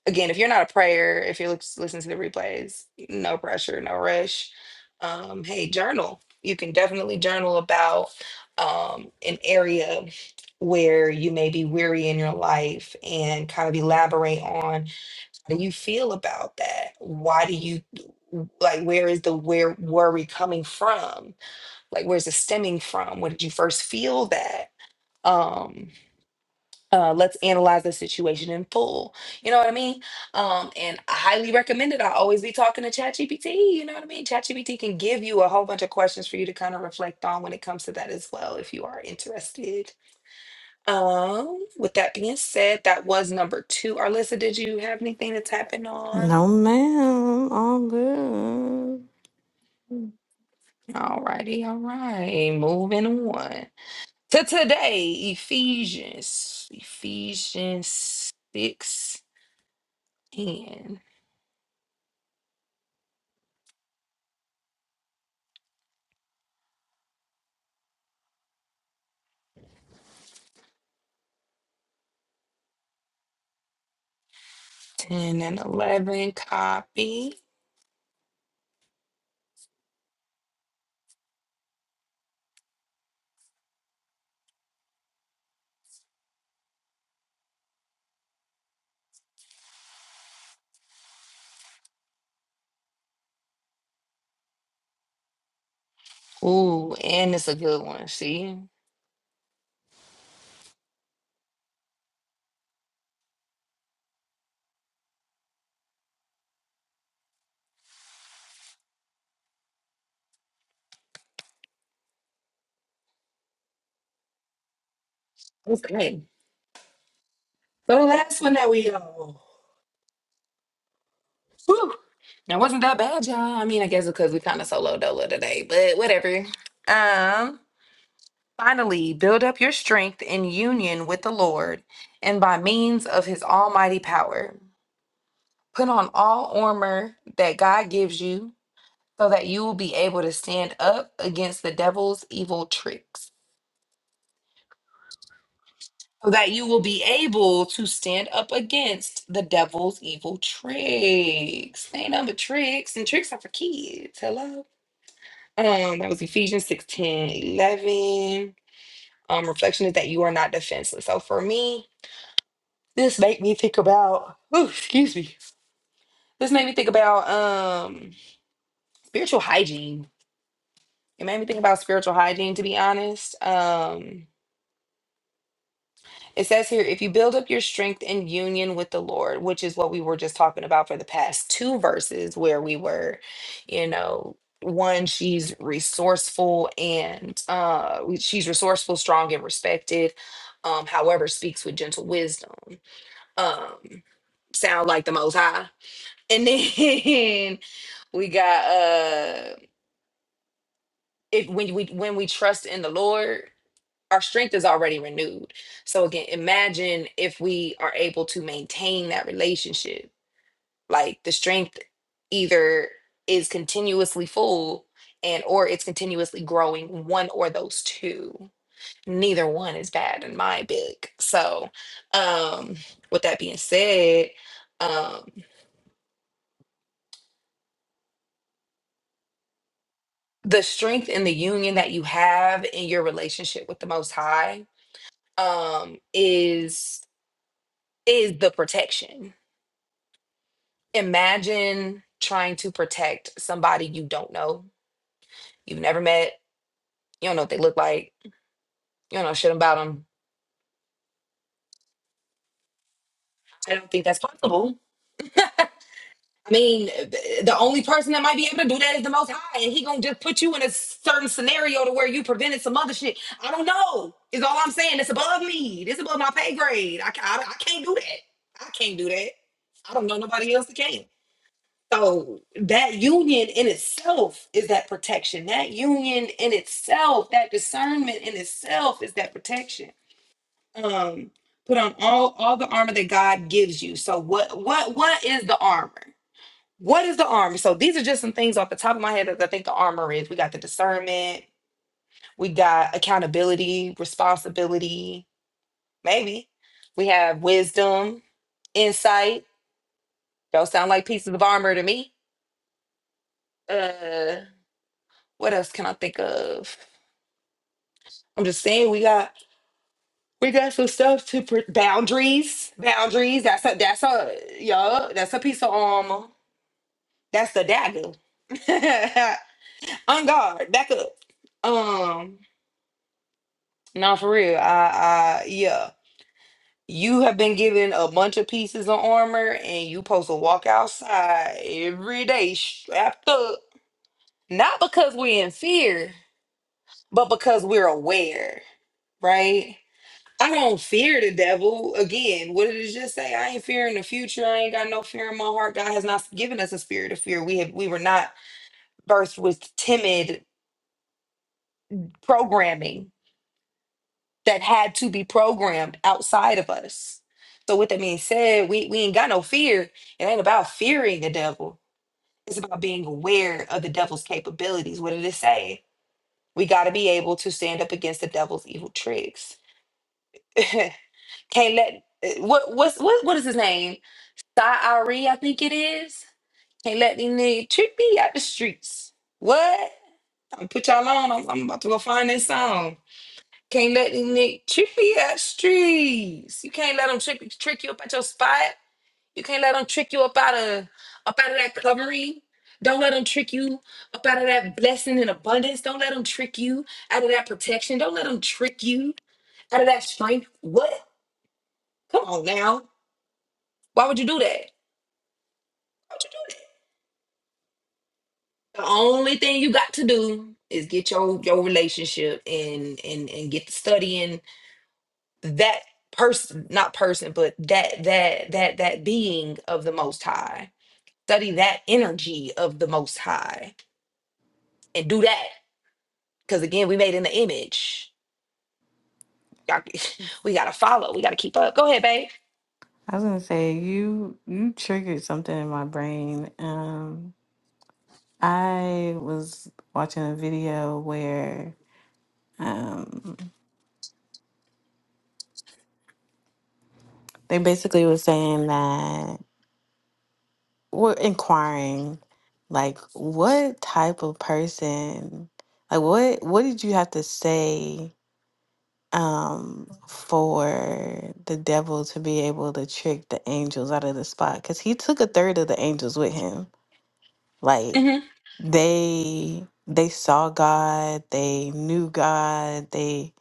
S2: again, if you're not a prayer, if you're lis- listening to the replays, no pressure, no rush. Um, hey, journal. You can definitely journal about um, an area where you may be weary in your life and kind of elaborate on how do you feel about that? Why do you like where is the where worry coming from? Like where's it stemming from? Where did you first feel that? Um uh, let's analyze the situation in full. You know what I mean? Um, and I highly recommend it. I always be talking to ChatGPT. You know what I mean? ChatGPT can give you a whole bunch of questions for you to kind of reflect on when it comes to that as well, if you are interested. Um, with that being said, that was number two. Arlissa, did you have anything that's happened on?
S1: No, ma'am, all good.
S2: All righty, all right. Moving on to today, Ephesians, Ephesians 6 10. 10 and 11 copy. Ooh, and it's a good one. See? Okay. So the last one that we all. Whew. That wasn't that bad, y'all? I mean, I guess because we kind of solo dolo today, but whatever. Um, finally, build up your strength in union with the Lord and by means of his almighty power. Put on all armor that God gives you so that you will be able to stand up against the devil's evil tricks. so that you will be able to stand up against the devil's evil tricks. Ain't nothing but tricks, and tricks are for kids. Hello. Um, that was Ephesians 6, ten, eleven. Um, reflection is that you are not defenseless. So for me, this made me think about, ooh, excuse me. This made me think about um spiritual hygiene. It made me think about spiritual hygiene, to be honest. Um, It says here, if you build up your strength in union with the Lord, which is what we were just talking about for the past two verses, where we were, you know, one, she's resourceful and uh, she's resourceful, strong, and respected. Um, however, speaks with gentle wisdom. Um, sound like the Most High. And then we got uh, if when we when we trust in the Lord our strength is already renewed. So again, imagine if we are able to maintain that relationship. Like the strength either is continuously full and or it's continuously growing one or those two. Neither one is bad in my book. So um with that being said, um the strength in the union that you have in your relationship with the most high um is is the protection imagine trying to protect somebody you don't know, you've never met, you don't know what they look like, you don't know shit about them. I don't think that's possible. I mean, th- the only person that might be able to do that is the Most High, and He gonna just put you in a certain scenario to where you prevented some other shit. I don't know. Is all I'm saying. It's above me. It's above my pay grade. I, ca- I, I can't do that. I can't do that. I don't know nobody else that can. So that union in itself is that protection. That union in itself, that discernment in itself is that protection. Um, put on all all the armor that God gives you. So what what what is the armor? What is the armor? So these are just some things off the top of my head that I think the armor is. We got the discernment, we got accountability, responsibility, maybe. We have wisdom, insight. Those sound like pieces of armor to me. Uh What else can I think of? I'm just saying we got we got some stuff to pr- boundaries. Boundaries. That's a that's a yo. That's a piece of armor. That's the dagger. On guard. Back up. Um. No, for real. I I yeah. You have been given a bunch of pieces of armor, and you' supposed to walk outside every day strapped up. Not because we're in fear, but because we're aware, right? I don't fear the devil. Again, what did it just say? I ain't fearing the future. I ain't got no fear in my heart. God has not given us a spirit of fear. We have we were not birthed with timid programming that had to be programmed outside of us. So with that being said, we, we ain't got no fear. It ain't about fearing the devil. It's about being aware of the devil's capabilities. What did it say? We gotta be able to stand up against the devil's evil tricks. Can't let eh, what what's what what is his name? Thyre, I think it is. Can't let these niggas trick me out the streets. What? I'm put y'all on. I'm, I'm about to go find this song. Can't let these niggas trick me out the streets. You can't let them trick, trick you up at your spot. You can't let them trick you up out of up out of that covering. Don't let them trick you up out of that blessing and abundance. Don't let them trick you out of that protection. Don't let them trick you out of that strength. What? Come on now. Why would you do that? Why would you do that? The only thing you got to do is get your your relationship and and and get to studying that person, not person, but that that that that being of the Most High. Study that energy of the Most High and do that because again, we made in the image. Y'all- we gotta follow. We gotta keep up. Go ahead, babe.
S1: I was gonna say you you triggered something in my brain. Um, I was watching a video where um they basically were saying that we're inquiring, like, what type of person, like, what what did you have to say um for the devil to be able to trick the angels out of the spot? Because he took a third of the angels with him. Like,
S2: hmm
S1: they they saw God, they knew God, they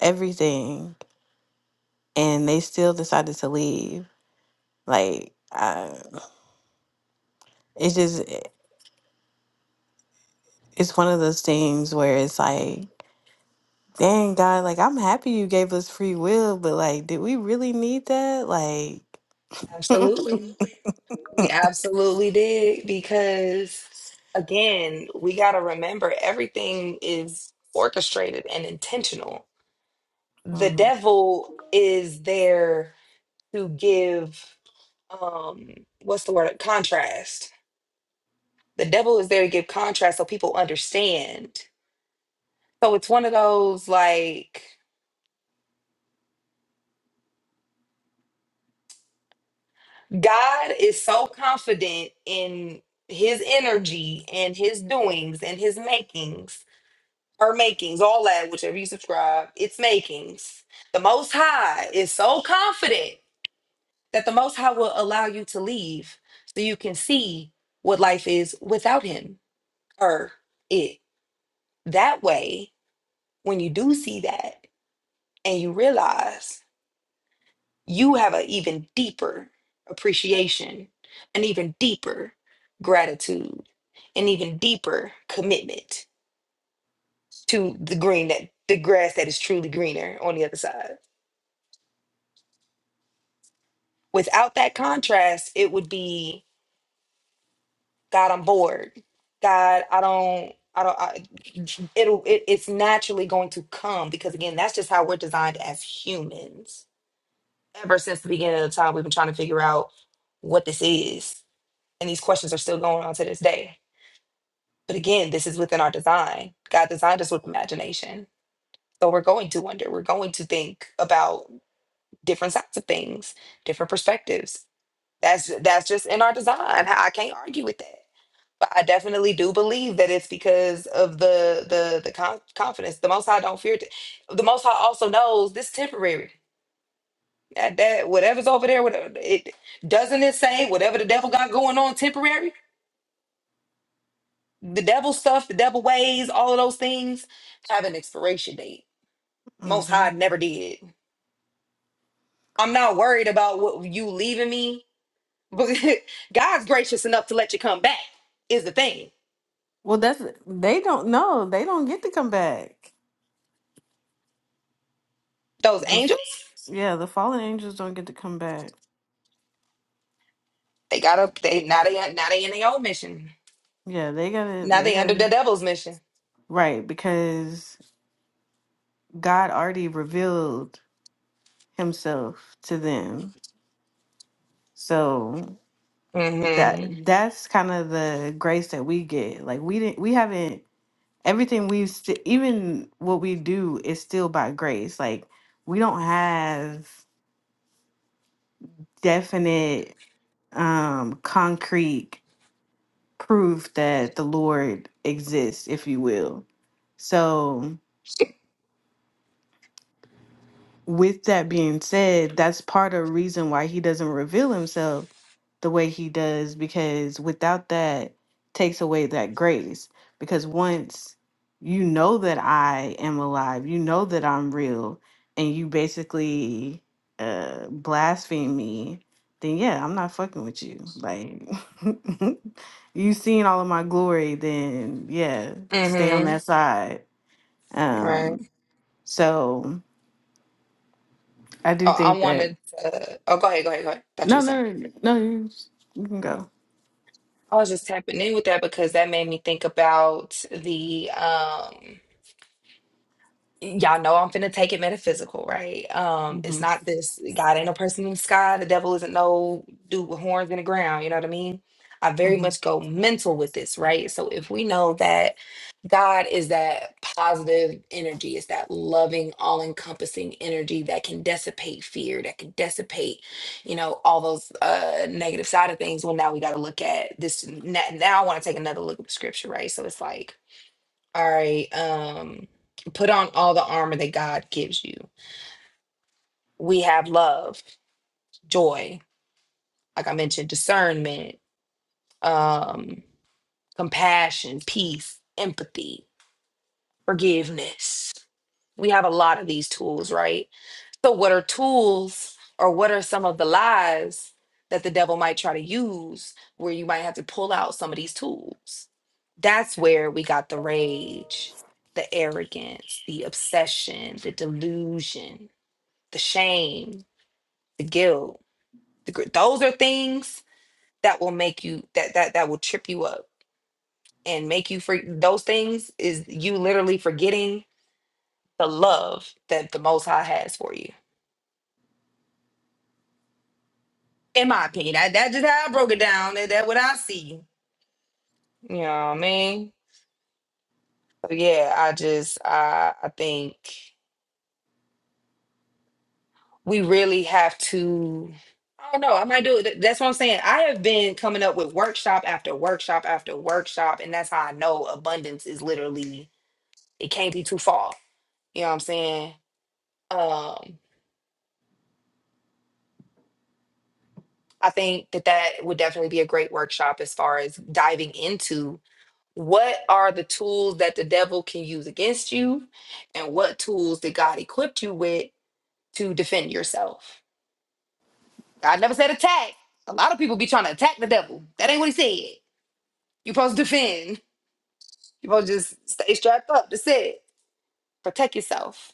S1: everything, and they still decided to leave. Like, I, it's just it's one of those things where it's like Dang, God, like I'm happy you gave us free will, but like, did we really need that? Like,
S2: Absolutely, we absolutely did because again, we got to remember everything is orchestrated and intentional. the
S1: hmm
S2: devil is there to give um what's the word contrast the devil is there to give contrast so people understand so it's one of those like god is so confident in his energy and his doings and his makings or makings all that whichever you subscribe it's makings the most high is so confident that the Most High will allow you to leave so you can see what life is without Him or it. That way, when you do see that and you realize you have an even deeper appreciation, an even deeper gratitude, an even deeper commitment to the green that the grass that is truly greener on the other side. Without that contrast, it would be God, I'm bored. God, I don't, I don't, I, it'll, it, it's naturally going to come because again, that's just how we're designed as humans. Ever since the beginning of the time, we've been trying to figure out what this is. And these questions are still going on to this day. But again, this is within our design. God designed us with imagination. So we're going to wonder, we're going to think about different sides of things, different perspectives. That's that's just in our design. I I can't argue with that. But I definitely do believe that it's because of the the the con- confidence. The Most High don't fear. T- the Most High also knows this temporary. That, that whatever's over there, whatever it doesn't it say whatever the devil got going on temporary. The devil stuff, the devil ways, all of those things have an expiration date. Most
S1: hmm
S2: High never did. I'm not worried about what you leaving me, but God's gracious enough to let you come back. Is the thing.
S1: well, that's they don't know. They don't get to come back.
S2: Those
S1: The-
S2: angels,
S1: yeah, the fallen angels don't get to come back.
S2: they got up. They now they now they in their own mission
S1: Yeah, they gotta,
S2: Now
S1: they
S2: they under
S1: gotta,
S2: the devil's mission.
S1: right? Because God already revealed Himself to them, so that
S2: Mm-hmm.
S1: that's kind of the grace that we get. Like we didn't, we haven't everything we've st- even what we do is still by grace like we don't have definite um concrete proof that the lord exists if you will so with that being said, that's part of the reason why he doesn't reveal himself the way he does, because without that takes away that grace. Because once you know that I am alive, you know that I'm real, and you basically uh blaspheme me, then yeah, I'm not fucking with you. Like you seen all of my glory, then yeah, stay on
S2: Mm-hmm.
S1: that side.
S2: Right.
S1: Um so I do
S2: Oh, I
S1: think that
S2: wanted to. Oh, go ahead. Go ahead. Go ahead. Thought you
S1: No,
S2: were
S1: no,
S2: saying.
S1: no, no, you you can go.
S2: I was just tapping in with that because that made me think about the um. y'all know I'm finna take it metaphysical, right? Um, it's
S1: hmm
S2: not this God ain't no person in the sky, the devil isn't no dude with horns in the ground, you know what I mean? I very
S1: hmm
S2: much go mental with this, right? So if we know that God is that positive energy, it's that loving, all encompassing energy that can dissipate fear, that can dissipate, you know, all those uh, negative side of things. Well, now we got to look at this. n- Now I want to take another look at the scripture, right? So it's like, all right. Um, put on all the armor that God gives you. We have love, joy, like I mentioned, discernment, um, compassion, peace, empathy, forgiveness. We have a lot of these tools, right? So, what are tools or what are some of the lies that the devil might try to use where you might have to pull out some of these tools? That's where we got the rage, the arrogance, the obsession, the delusion, the shame, the guilt. The, gr- those are things that will make you that that that will trip you up and make you freak. Those things is you literally forgetting the love that the Most High has for you in my opinion. That that's just how I broke it down. That, that what I see. You know what I mean? So yeah, I just I I think we really have to I don't know. I might do it. That's what I'm saying. I have been coming up with workshop after workshop after workshop, and that's how I know abundance is literally it can't be too far. You know what I'm saying? Um, I think that that would definitely be a great workshop as far as diving into what are the tools that the devil can use against you and what tools did god equip you with to defend yourself god never said attack a lot of people be trying to attack the devil that ain't what he said you're supposed to defend you're supposed to just stay strapped up that's it protect yourself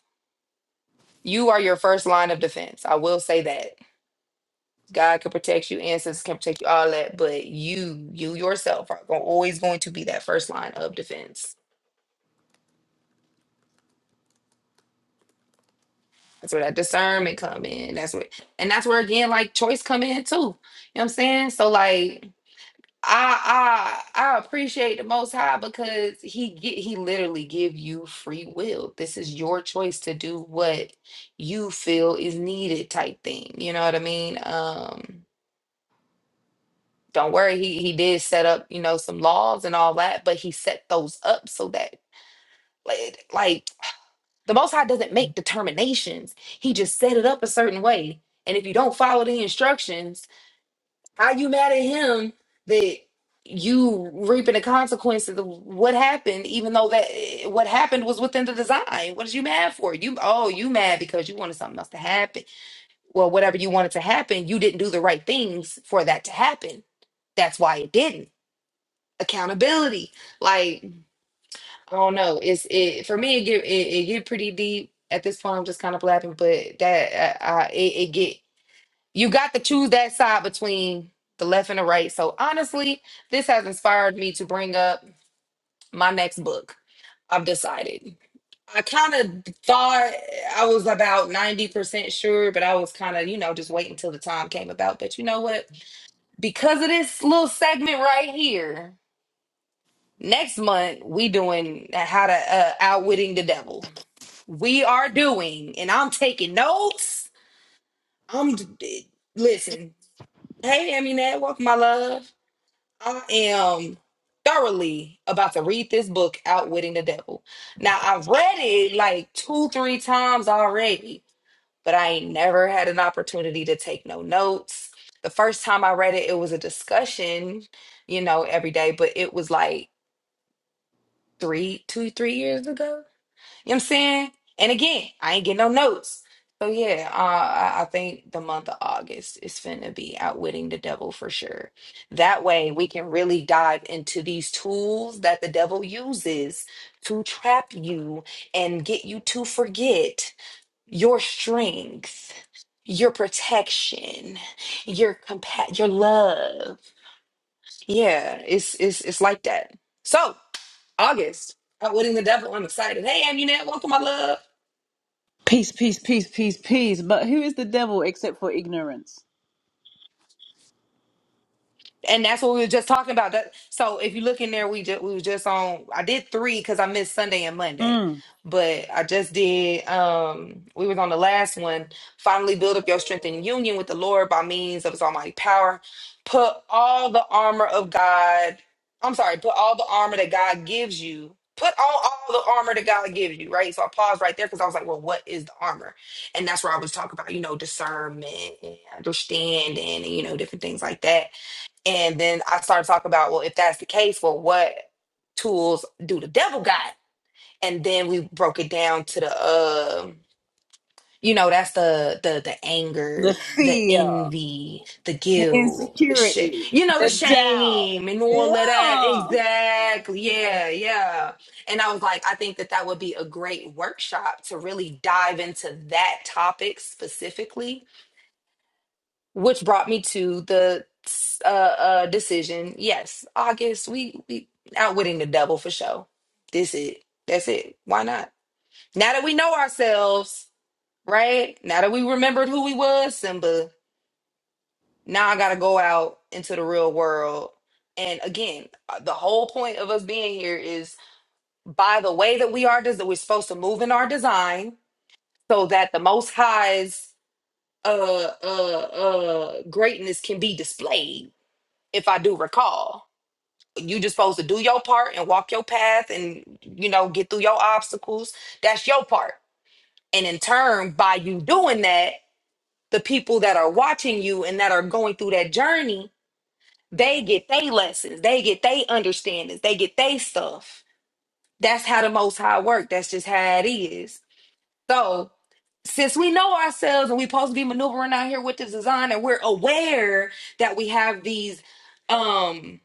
S2: you are your first line of defense i will say that god can protect you ancestors can protect you all that but you you yourself are gon- always going to be that first line of defense That's where that discernment come in. That's what, and that's where again, like choice come in too. You know what I'm saying? So like, I I I appreciate the Most High because he get he literally give you free will. This is your choice to do what you feel is needed, type thing. You know what I mean? Um, don't worry, he he did set up you know some laws and all that, but he set those up so that like. like The Most High doesn't make determinations. He just set it up a certain way. And if you don't follow the instructions, are you mad at him that you reaping the consequences of what happened, even though that eh, what happened was within the design? What is you mad for? You oh, you mad because you wanted something else to happen. Well, whatever you wanted to happen, you didn't do the right things for that to happen. That's why it didn't. Accountability. like. I don't know. It's it for me. It get it, it get pretty deep at this point. I'm just kind of blabbing, but that uh, uh, it, it get you got to choose that side between the left and the right. So honestly, this has inspired me to bring up my next book. I've decided. I kind of thought I was about 90% sure, but I was kind of, you know, just waiting till the time came about. But you know what? Because of this little segment right here, next month we doing uh, how to uh, outwitting the devil we are doing, and I'm taking notes. I'm d- listen. Hey, Aminette, welcome, my love. I am thoroughly about to read this book, Outwitting the Devil. Now, I've read it like two, three times already, but I ain't never had an opportunity to take no notes. The first time I read it, it was a discussion, you know, every day, but it was like three, two, three years ago You know what I'm saying? And again, I ain't getting no notes. So yeah, uh, I I think the month of August is finna be outwitting the devil for sure. That way we can really dive into these tools that the devil uses to trap you and get you to forget your strength, your protection, your compa- your love. Yeah, it's it's it's like that. So August, outwitting the devil. I'm excited. Hey, Amunet, welcome, my love.
S4: Peace, peace, peace, peace, peace. But who is the devil except for ignorance?
S2: and that's what we were just talking about. That so if you look in there, we just we were just on. I did three because I missed Sunday and Monday,
S4: Mm.
S2: but I just did. Um, we was on the last one. Finally, build up your strength in union with the Lord by means of His Almighty power. Put all the armor of God. I'm sorry. Put all the armor that God gives you. Put on all the armor that God gives you, right? So I paused right there because I was like, well, what is the armor? And that's where I was talking about, you know, discernment and understanding and, you know, different things like that and then I started talking about, well, if that's the case, well, what tools do the devil got? And then we broke it down to the um, you know, that's the the the
S4: The
S2: anger, the
S4: fear,
S2: envy, the
S4: the
S2: guilt, the shit,
S4: insecurity,
S2: you know, the
S4: the doubt.
S2: shame and all of that.
S4: Yeah.
S2: Exactly. Yeah, yeah. And I was like, I think that that would be a great workshop to really dive into that topic specifically which brought me to the uh, uh decision. Yes, August. We we outwitting the devil for sure. This it. That's it. Why not? Now that we know ourselves, right? Now that we remembered who we was, Simba. Now I gotta go out into the real world. And again, uh, the whole point of us being here is by the way that we are, des- that we're supposed to move in our design, so that the Most High's uh uh uh greatness can be displayed if I do recall. You just supposed to do your part and walk your path and you know get through your obstacles. That's your part. And in turn, by you doing that, the people that are watching you and that are going through that journey, they get they lessons, they get they understandings, they get they stuff. That's how the most high work. That's just how it is. So since we know ourselves and we supposed to be maneuvering out here with this design and we're aware that we have these um.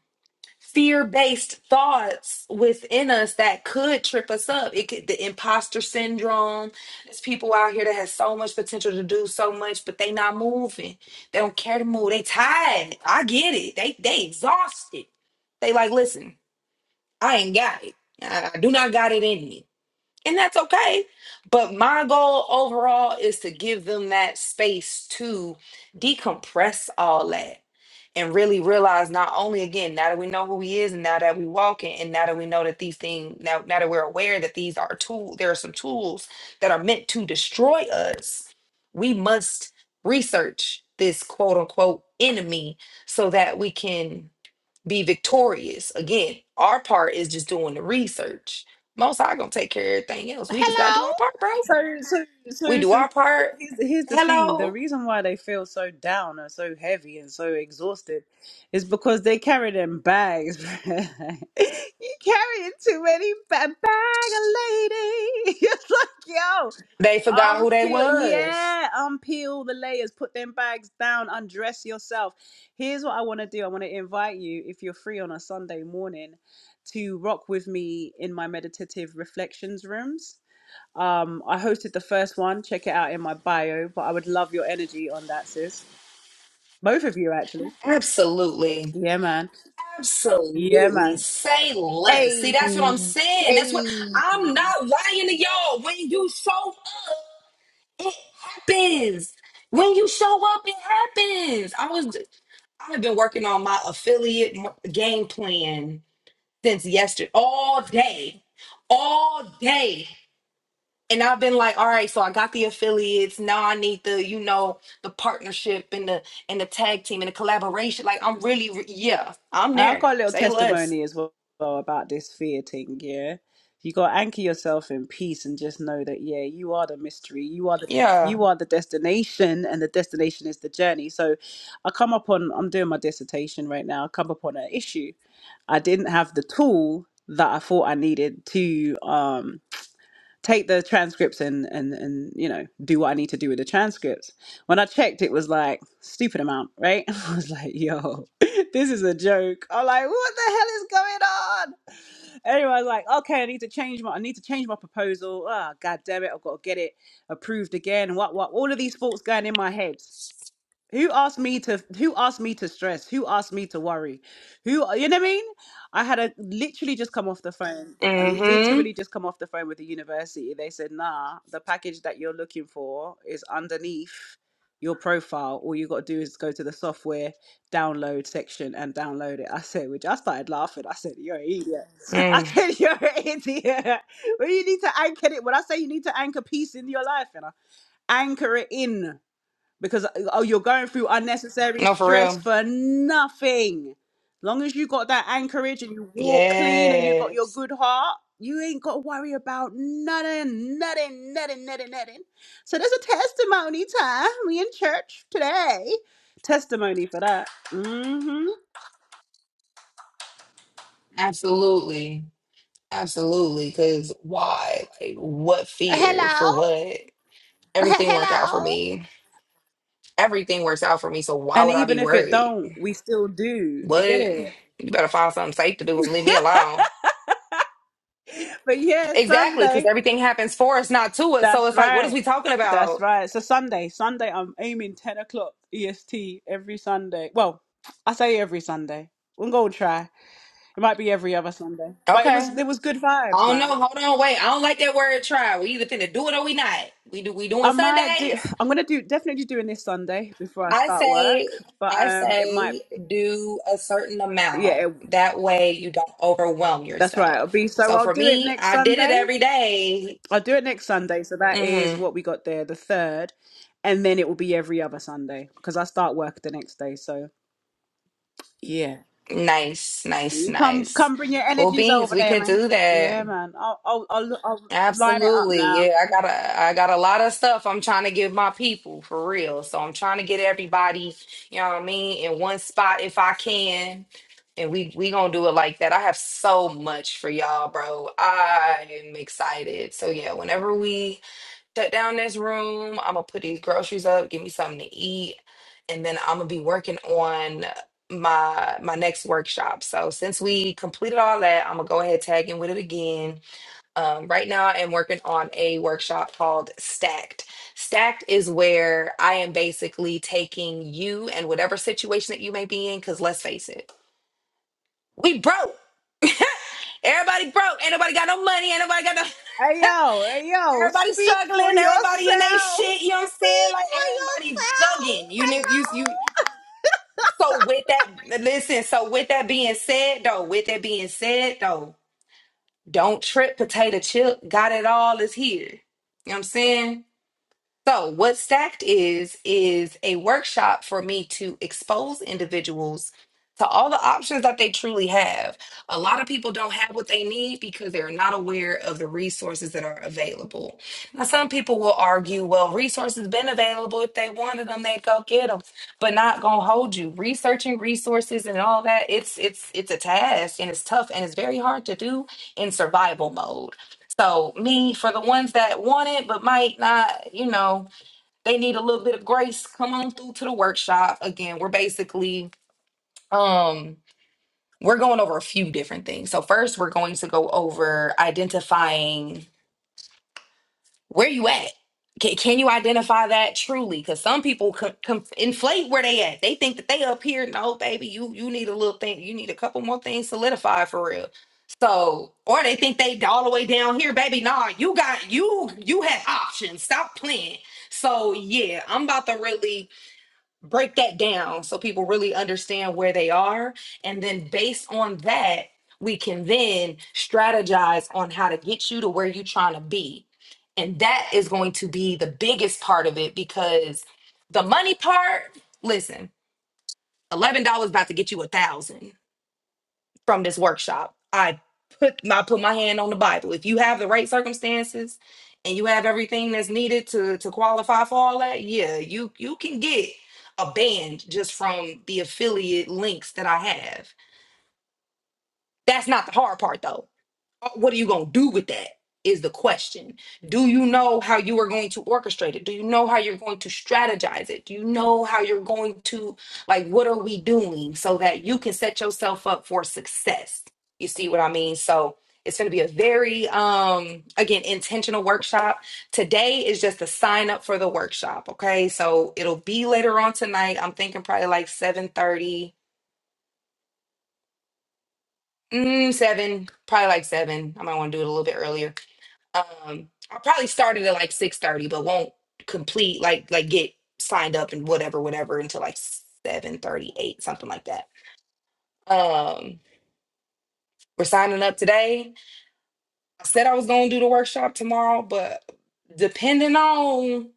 S2: fear-based thoughts within us that could trip us up. It could the imposter syndrome. There's people out here that has so much potential to do so much, but they not moving. They don't care to move. They tired. I get it. They they exhausted. They like, listen, I ain't got it. I, I do not got it in me. And that's okay. But my goal overall is to give them that space to decompress all that and really realize not only again now that we know who he is and now that we walk in and now that we know that these things now now that we're aware that these are tools there are some tools that are meant to destroy us we must research this quote unquote enemy so that we can be victorious again our part is just doing the research most high gonna take care of everything else we just gotta do
S4: Hello.
S2: our part bro
S4: So, so,
S2: we
S4: so,
S2: do
S4: so.
S2: our part
S4: Here's the, here's the thing. The
S2: hello
S4: reason why they feel so down and so heavy and so exhausted is because they carry them bags. you carrying too many ba- bag, a lady. It's like, yo.
S2: they forgot who they
S4: Unpeel,
S2: was
S4: yeah, unpeel the layers, put them bags down, undress yourself. Here's what I want to do I want to invite you, if you're free on a Sunday morning, to rock with me in my meditative reflections rooms. Um, I hosted the first one, check it out in my bio, but I would love your energy on that, sis. Both of you, actually.
S2: absolutely
S4: Yeah, man. Yeah,
S2: Absolutely.
S4: man.
S2: Say less. See,
S4: Hey,
S2: that's what I'm saying. That's what
S4: hey.
S2: I'm not lying to y'all. When you show up, it happens. When you show up, it happens. I was I have been working on my affiliate m- game plan since yesterday, all day, all day. And I've been like, all right, so I got the affiliates. Now I need the, you know, the partnership and the and the tag team and the collaboration. Like I'm really, re- yeah, I'm
S4: I've
S2: there.
S4: got a little
S2: Say less.
S4: testimony as well about this fear thing, yeah. You gotta anchor yourself in peace and just know that yeah, you are the mystery, you are the
S2: Yeah.
S4: you are the destination, and the destination is the journey. So, I come up on I'm doing my dissertation right now. I come up on an issue. I didn't have the tool that I thought I needed to. Um, take the transcripts and and and you know do what I need to do with the transcripts. When I checked, it was like stupid amount, right? I was like, yo, this is a joke. I'm like, what the hell is going on? Anyway, I was like, okay, I need to change my I need to change my proposal. Ah, god damn it, I've got to get it approved again. What what all of these thoughts going in my head. Who asked me to who asked me to stress? Who asked me to worry? Who you know what I mean? I had a literally just come off the phone. I literally
S2: Mm-hmm.
S4: just come off the phone with the university. They said, nah, the package that you're looking for is underneath your profile. All you gotta do is go to the software download section and download it. I said, which I started laughing. I said, You're an idiot. I
S2: Mm.
S4: said, You're an idiot. Well, you need to anchor it. When I say you need to anchor peace in your life, you know, anchor it in because uh, oh you're going through unnecessary
S2: No, for
S4: stress
S2: real.
S4: for nothing long as you got that anchorage and you walk clean and you got your
S2: Yes.
S4: good heart you ain't got to worry about nothing nothing nothing nothing nothing so there's a testimony time we in church today testimony for that mm-hmm.
S2: Absolutely. Absolutely. Because why? Like, what fear for
S4: hello
S2: what? Everything worked out for
S4: hello
S2: me. Everything works out for me. So why
S4: and
S2: would I
S4: even
S2: be
S4: if it
S2: worried?
S4: don't we still do you get
S2: What?
S4: it
S2: You better find something safe to do and leave me alone.
S4: but yeah
S2: Exactly, because
S4: sunday
S2: everything happens for us, not to us. So
S4: That's
S2: it's like, what is
S4: right.
S2: we talking
S4: That's
S2: about?
S4: right. So Sunday, Sunday, I'm aiming ten o'clock EST every Sunday. Well, I say every Sunday. We'll go try. It might be every other Sunday, but it
S2: Okay.
S4: was
S2: I
S4: it was good vibes,
S2: don't know.
S4: man.
S2: Hold on. Wait. I don't like that word try. We either finna do it or we not. We do we
S4: I
S2: doing
S4: might do.
S2: Sundays?
S4: I'm gonna do definitely doing this Sunday before I
S2: I
S4: start work,
S2: say,
S4: but
S2: I
S4: um, it might.
S2: say, do a certain amount.
S4: Yeah, it,
S2: That way, you don't overwhelm
S4: that's right. It'll
S2: yourself.
S4: be so.
S2: So
S4: I'll
S2: for
S4: do it
S2: me,
S4: next
S2: I did it
S4: Sunday.
S2: every day.
S4: I'll do it next Sunday. So that is what
S2: Mm-hmm.
S4: we got there, the third, and then it will be every other Sunday because I start work the next day. So. Yeah.
S2: Nice, nice,
S4: You come,
S2: nice.
S4: come, bring your
S2: Well,
S4: energies
S2: beans,
S4: over
S2: we
S4: there,
S2: can
S4: man.
S2: do
S4: Yeah,
S2: that.
S4: man. I'll, I'll, I'll, I'll line it up
S2: Absolutely.
S4: now.
S2: Yeah, I got a I got a lot of stuff I'm trying to give my people for real. So I'm trying to get everybody, you know what I mean, in one spot if I can. And we we going to do it like that. I have so much for y'all, bro. I am excited. So yeah, whenever we shut down this room, I'm going to put these groceries up, give me something to eat, and then I'm going to be working on my my next workshop. So since we completed all that, I'm going to go ahead tag in with it again um, right now, I am working on a workshop called Stacked. Stacked is where I am basically taking you and whatever situation that you may be in, because let's face it, we broke. Everybody broke. Ain't nobody got no money. Ain't nobody got no.
S4: Hey yo, hey yo,
S2: Everybody
S4: speak for
S2: struggling. Everybody in they
S4: yourself.
S2: shit. You know what I'm saying?
S4: Speak
S2: Like
S4: for
S2: everybody
S4: yourself.
S2: bugging. You know, you
S4: Hello.
S2: you. So with that, listen. So with that being said, though, with that being said, though, don't trip. Potato chip. Got it all is here. You know what I'm saying? So, what Stacked is, is a workshop for me to expose individuals to all the options that they truly have. A lot of people don't have what they need because they're not aware of the resources that are available. Now, some people will argue, well, resources been available. If they wanted them, they'd go get them, but not gonna hold you. Researching resources and all that, it's it's it's a task and it's tough and it's very hard to do in survival mode. So me, for the ones that want it but might not, you know, they need a little bit of grace come on through to the workshop again we're basically um we're going over a few different things so first we're going to go over identifying where you at can, can you identify that truly because some people com- com- inflate where they at they think that they up here no baby you you need a little thing you need a couple more things solidified for real so or they think they all the way down here baby nah you got you you have options stop playing so yeah, I'm about to really break that down so people really understand where they are. And then based on that, we can then strategize on how to get you to where you're trying to be. And that is going to be the biggest part of it because the money part, listen, $11 about to get you a thousand from this workshop. I put my put my hand on the Bible. If you have the right circumstances and you have everything that's needed to to qualify for all that, yeah, you you can get a band just from the affiliate links that I have. That's not the hard part though what are you going to do with that is the question do you know how you are going to orchestrate it do you know how you're going to strategize it do you know how you're going to like what are we doing so that you can set yourself up for success you see what i mean so it's going to be a very um again intentional workshop today is just a sign up for the workshop okay so it'll be later on tonight i'm thinking probably like 7 thirty, mm, 7 probably like 7 i might want to do it a little bit earlier um i'll probably start it at like six thirty, but won't complete like like get signed up and whatever whatever until like seven thirty eight something like that um we're signing up today i said i was gonna do the workshop tomorrow but depending on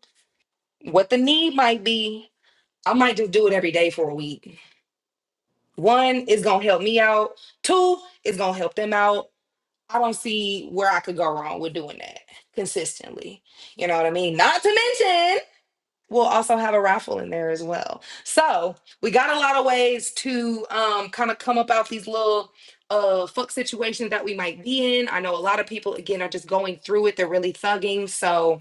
S2: what the need might be i might just do it every day for a week one is gonna help me out two is gonna help them out i don't see where i could go wrong with doing that consistently you know what i mean not to mention we'll also have a raffle in there as well. So we got a lot of ways to um, kind of come up out these little uh fuck situations that we might be in. I know a lot of people again are just going through it. They're really thugging. So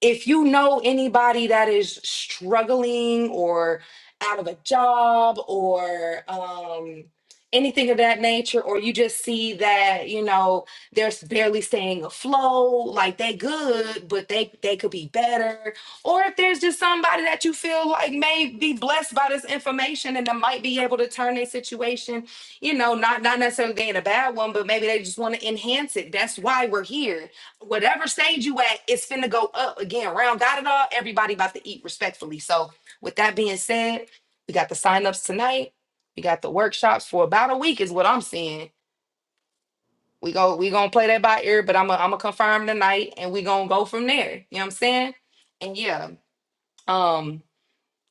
S2: if you know anybody that is struggling or out of a job or um, anything of that nature, or you just see that you know they're barely staying afloat, like they good, but they they could be better, or if there's just somebody that you feel like may be blessed by this information and that might be able to turn their situation, you know, not not necessarily being a bad one, but maybe they just want to enhance it. That's why we're here whatever stage you at, it's finna go up again. Round got it all. Everybody about to eat respectfully. So with that being said, we got the signups tonight. We got the workshops for about a week, is what I'm seeing. We go, we gonna play that by ear, but I'm gonna I'm gonna confirm tonight and we gonna go from there. You know what I'm saying? And yeah. Um,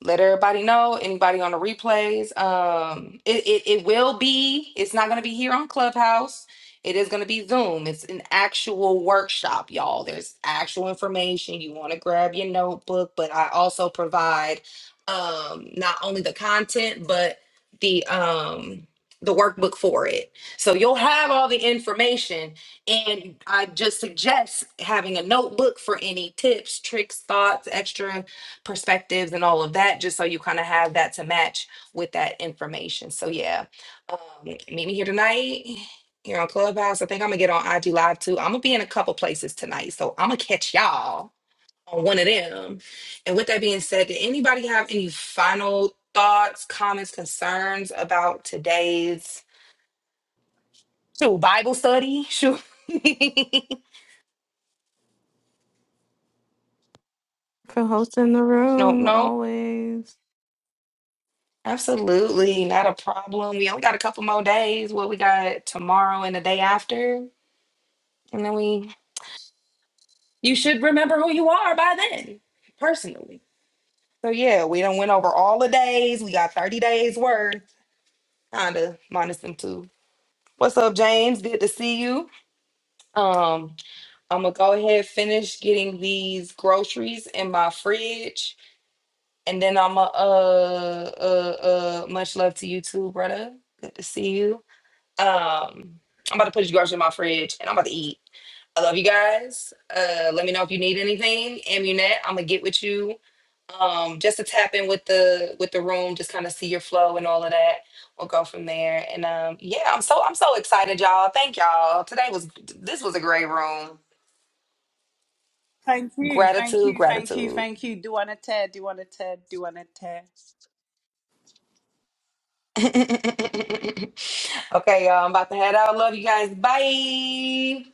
S2: let everybody know anybody on the replays um it, it it will be it's not going to be here on clubhouse it is going to be zoom it's an actual workshop y'all there's actual information you want to grab your notebook but i also provide um not only the content but the um the workbook for it so you'll have all the information and i just suggest having a notebook for any tips tricks thoughts extra perspectives and all of that, just so you kind of have that to match with that information. So yeah, um, meet me here tonight here on Clubhouse. I think I'm gonna get on IG Live too. I'm gonna be in a couple places tonight, so I'm gonna catch y'all on one of them. And with that being said, did anybody have any final thoughts, comments, concerns about today's shoot Bible study? Shoot.
S1: For hosting the
S2: no,
S1: room
S2: no.
S1: always.
S2: Absolutely, not a problem. We only got a couple more days. What we got tomorrow and the day after, and then we. You should remember who you are by then, personally. So yeah, we done went over all the days. We got thirty days worth, kinda minus them two. What's up, James? Good to see you. Um, I'm gonna go ahead finish getting these groceries in my fridge, and then I'm going to uh uh uh. Much love to you too, brother. Good to see you. Um, I'm about to put your garbage in my fridge and I'm about to eat. I love you guys. Uh, let me know if you need anything. Amunet, I'm gonna get with you. Um, just to tap in with the with the room, just kind of see your flow and all of that. We'll go from there. And um, yeah, I'm so I'm so excited, y'all. Thank y'all. Today was this was a great room.
S4: Thank you, thank
S2: Gratitude,
S4: you, thank you,
S2: gratitude.
S4: thank you. Do wanna tear? Do wanna tear? Do wanna tear?
S2: okay, y'all. I'm about to head out. Love you guys. Bye.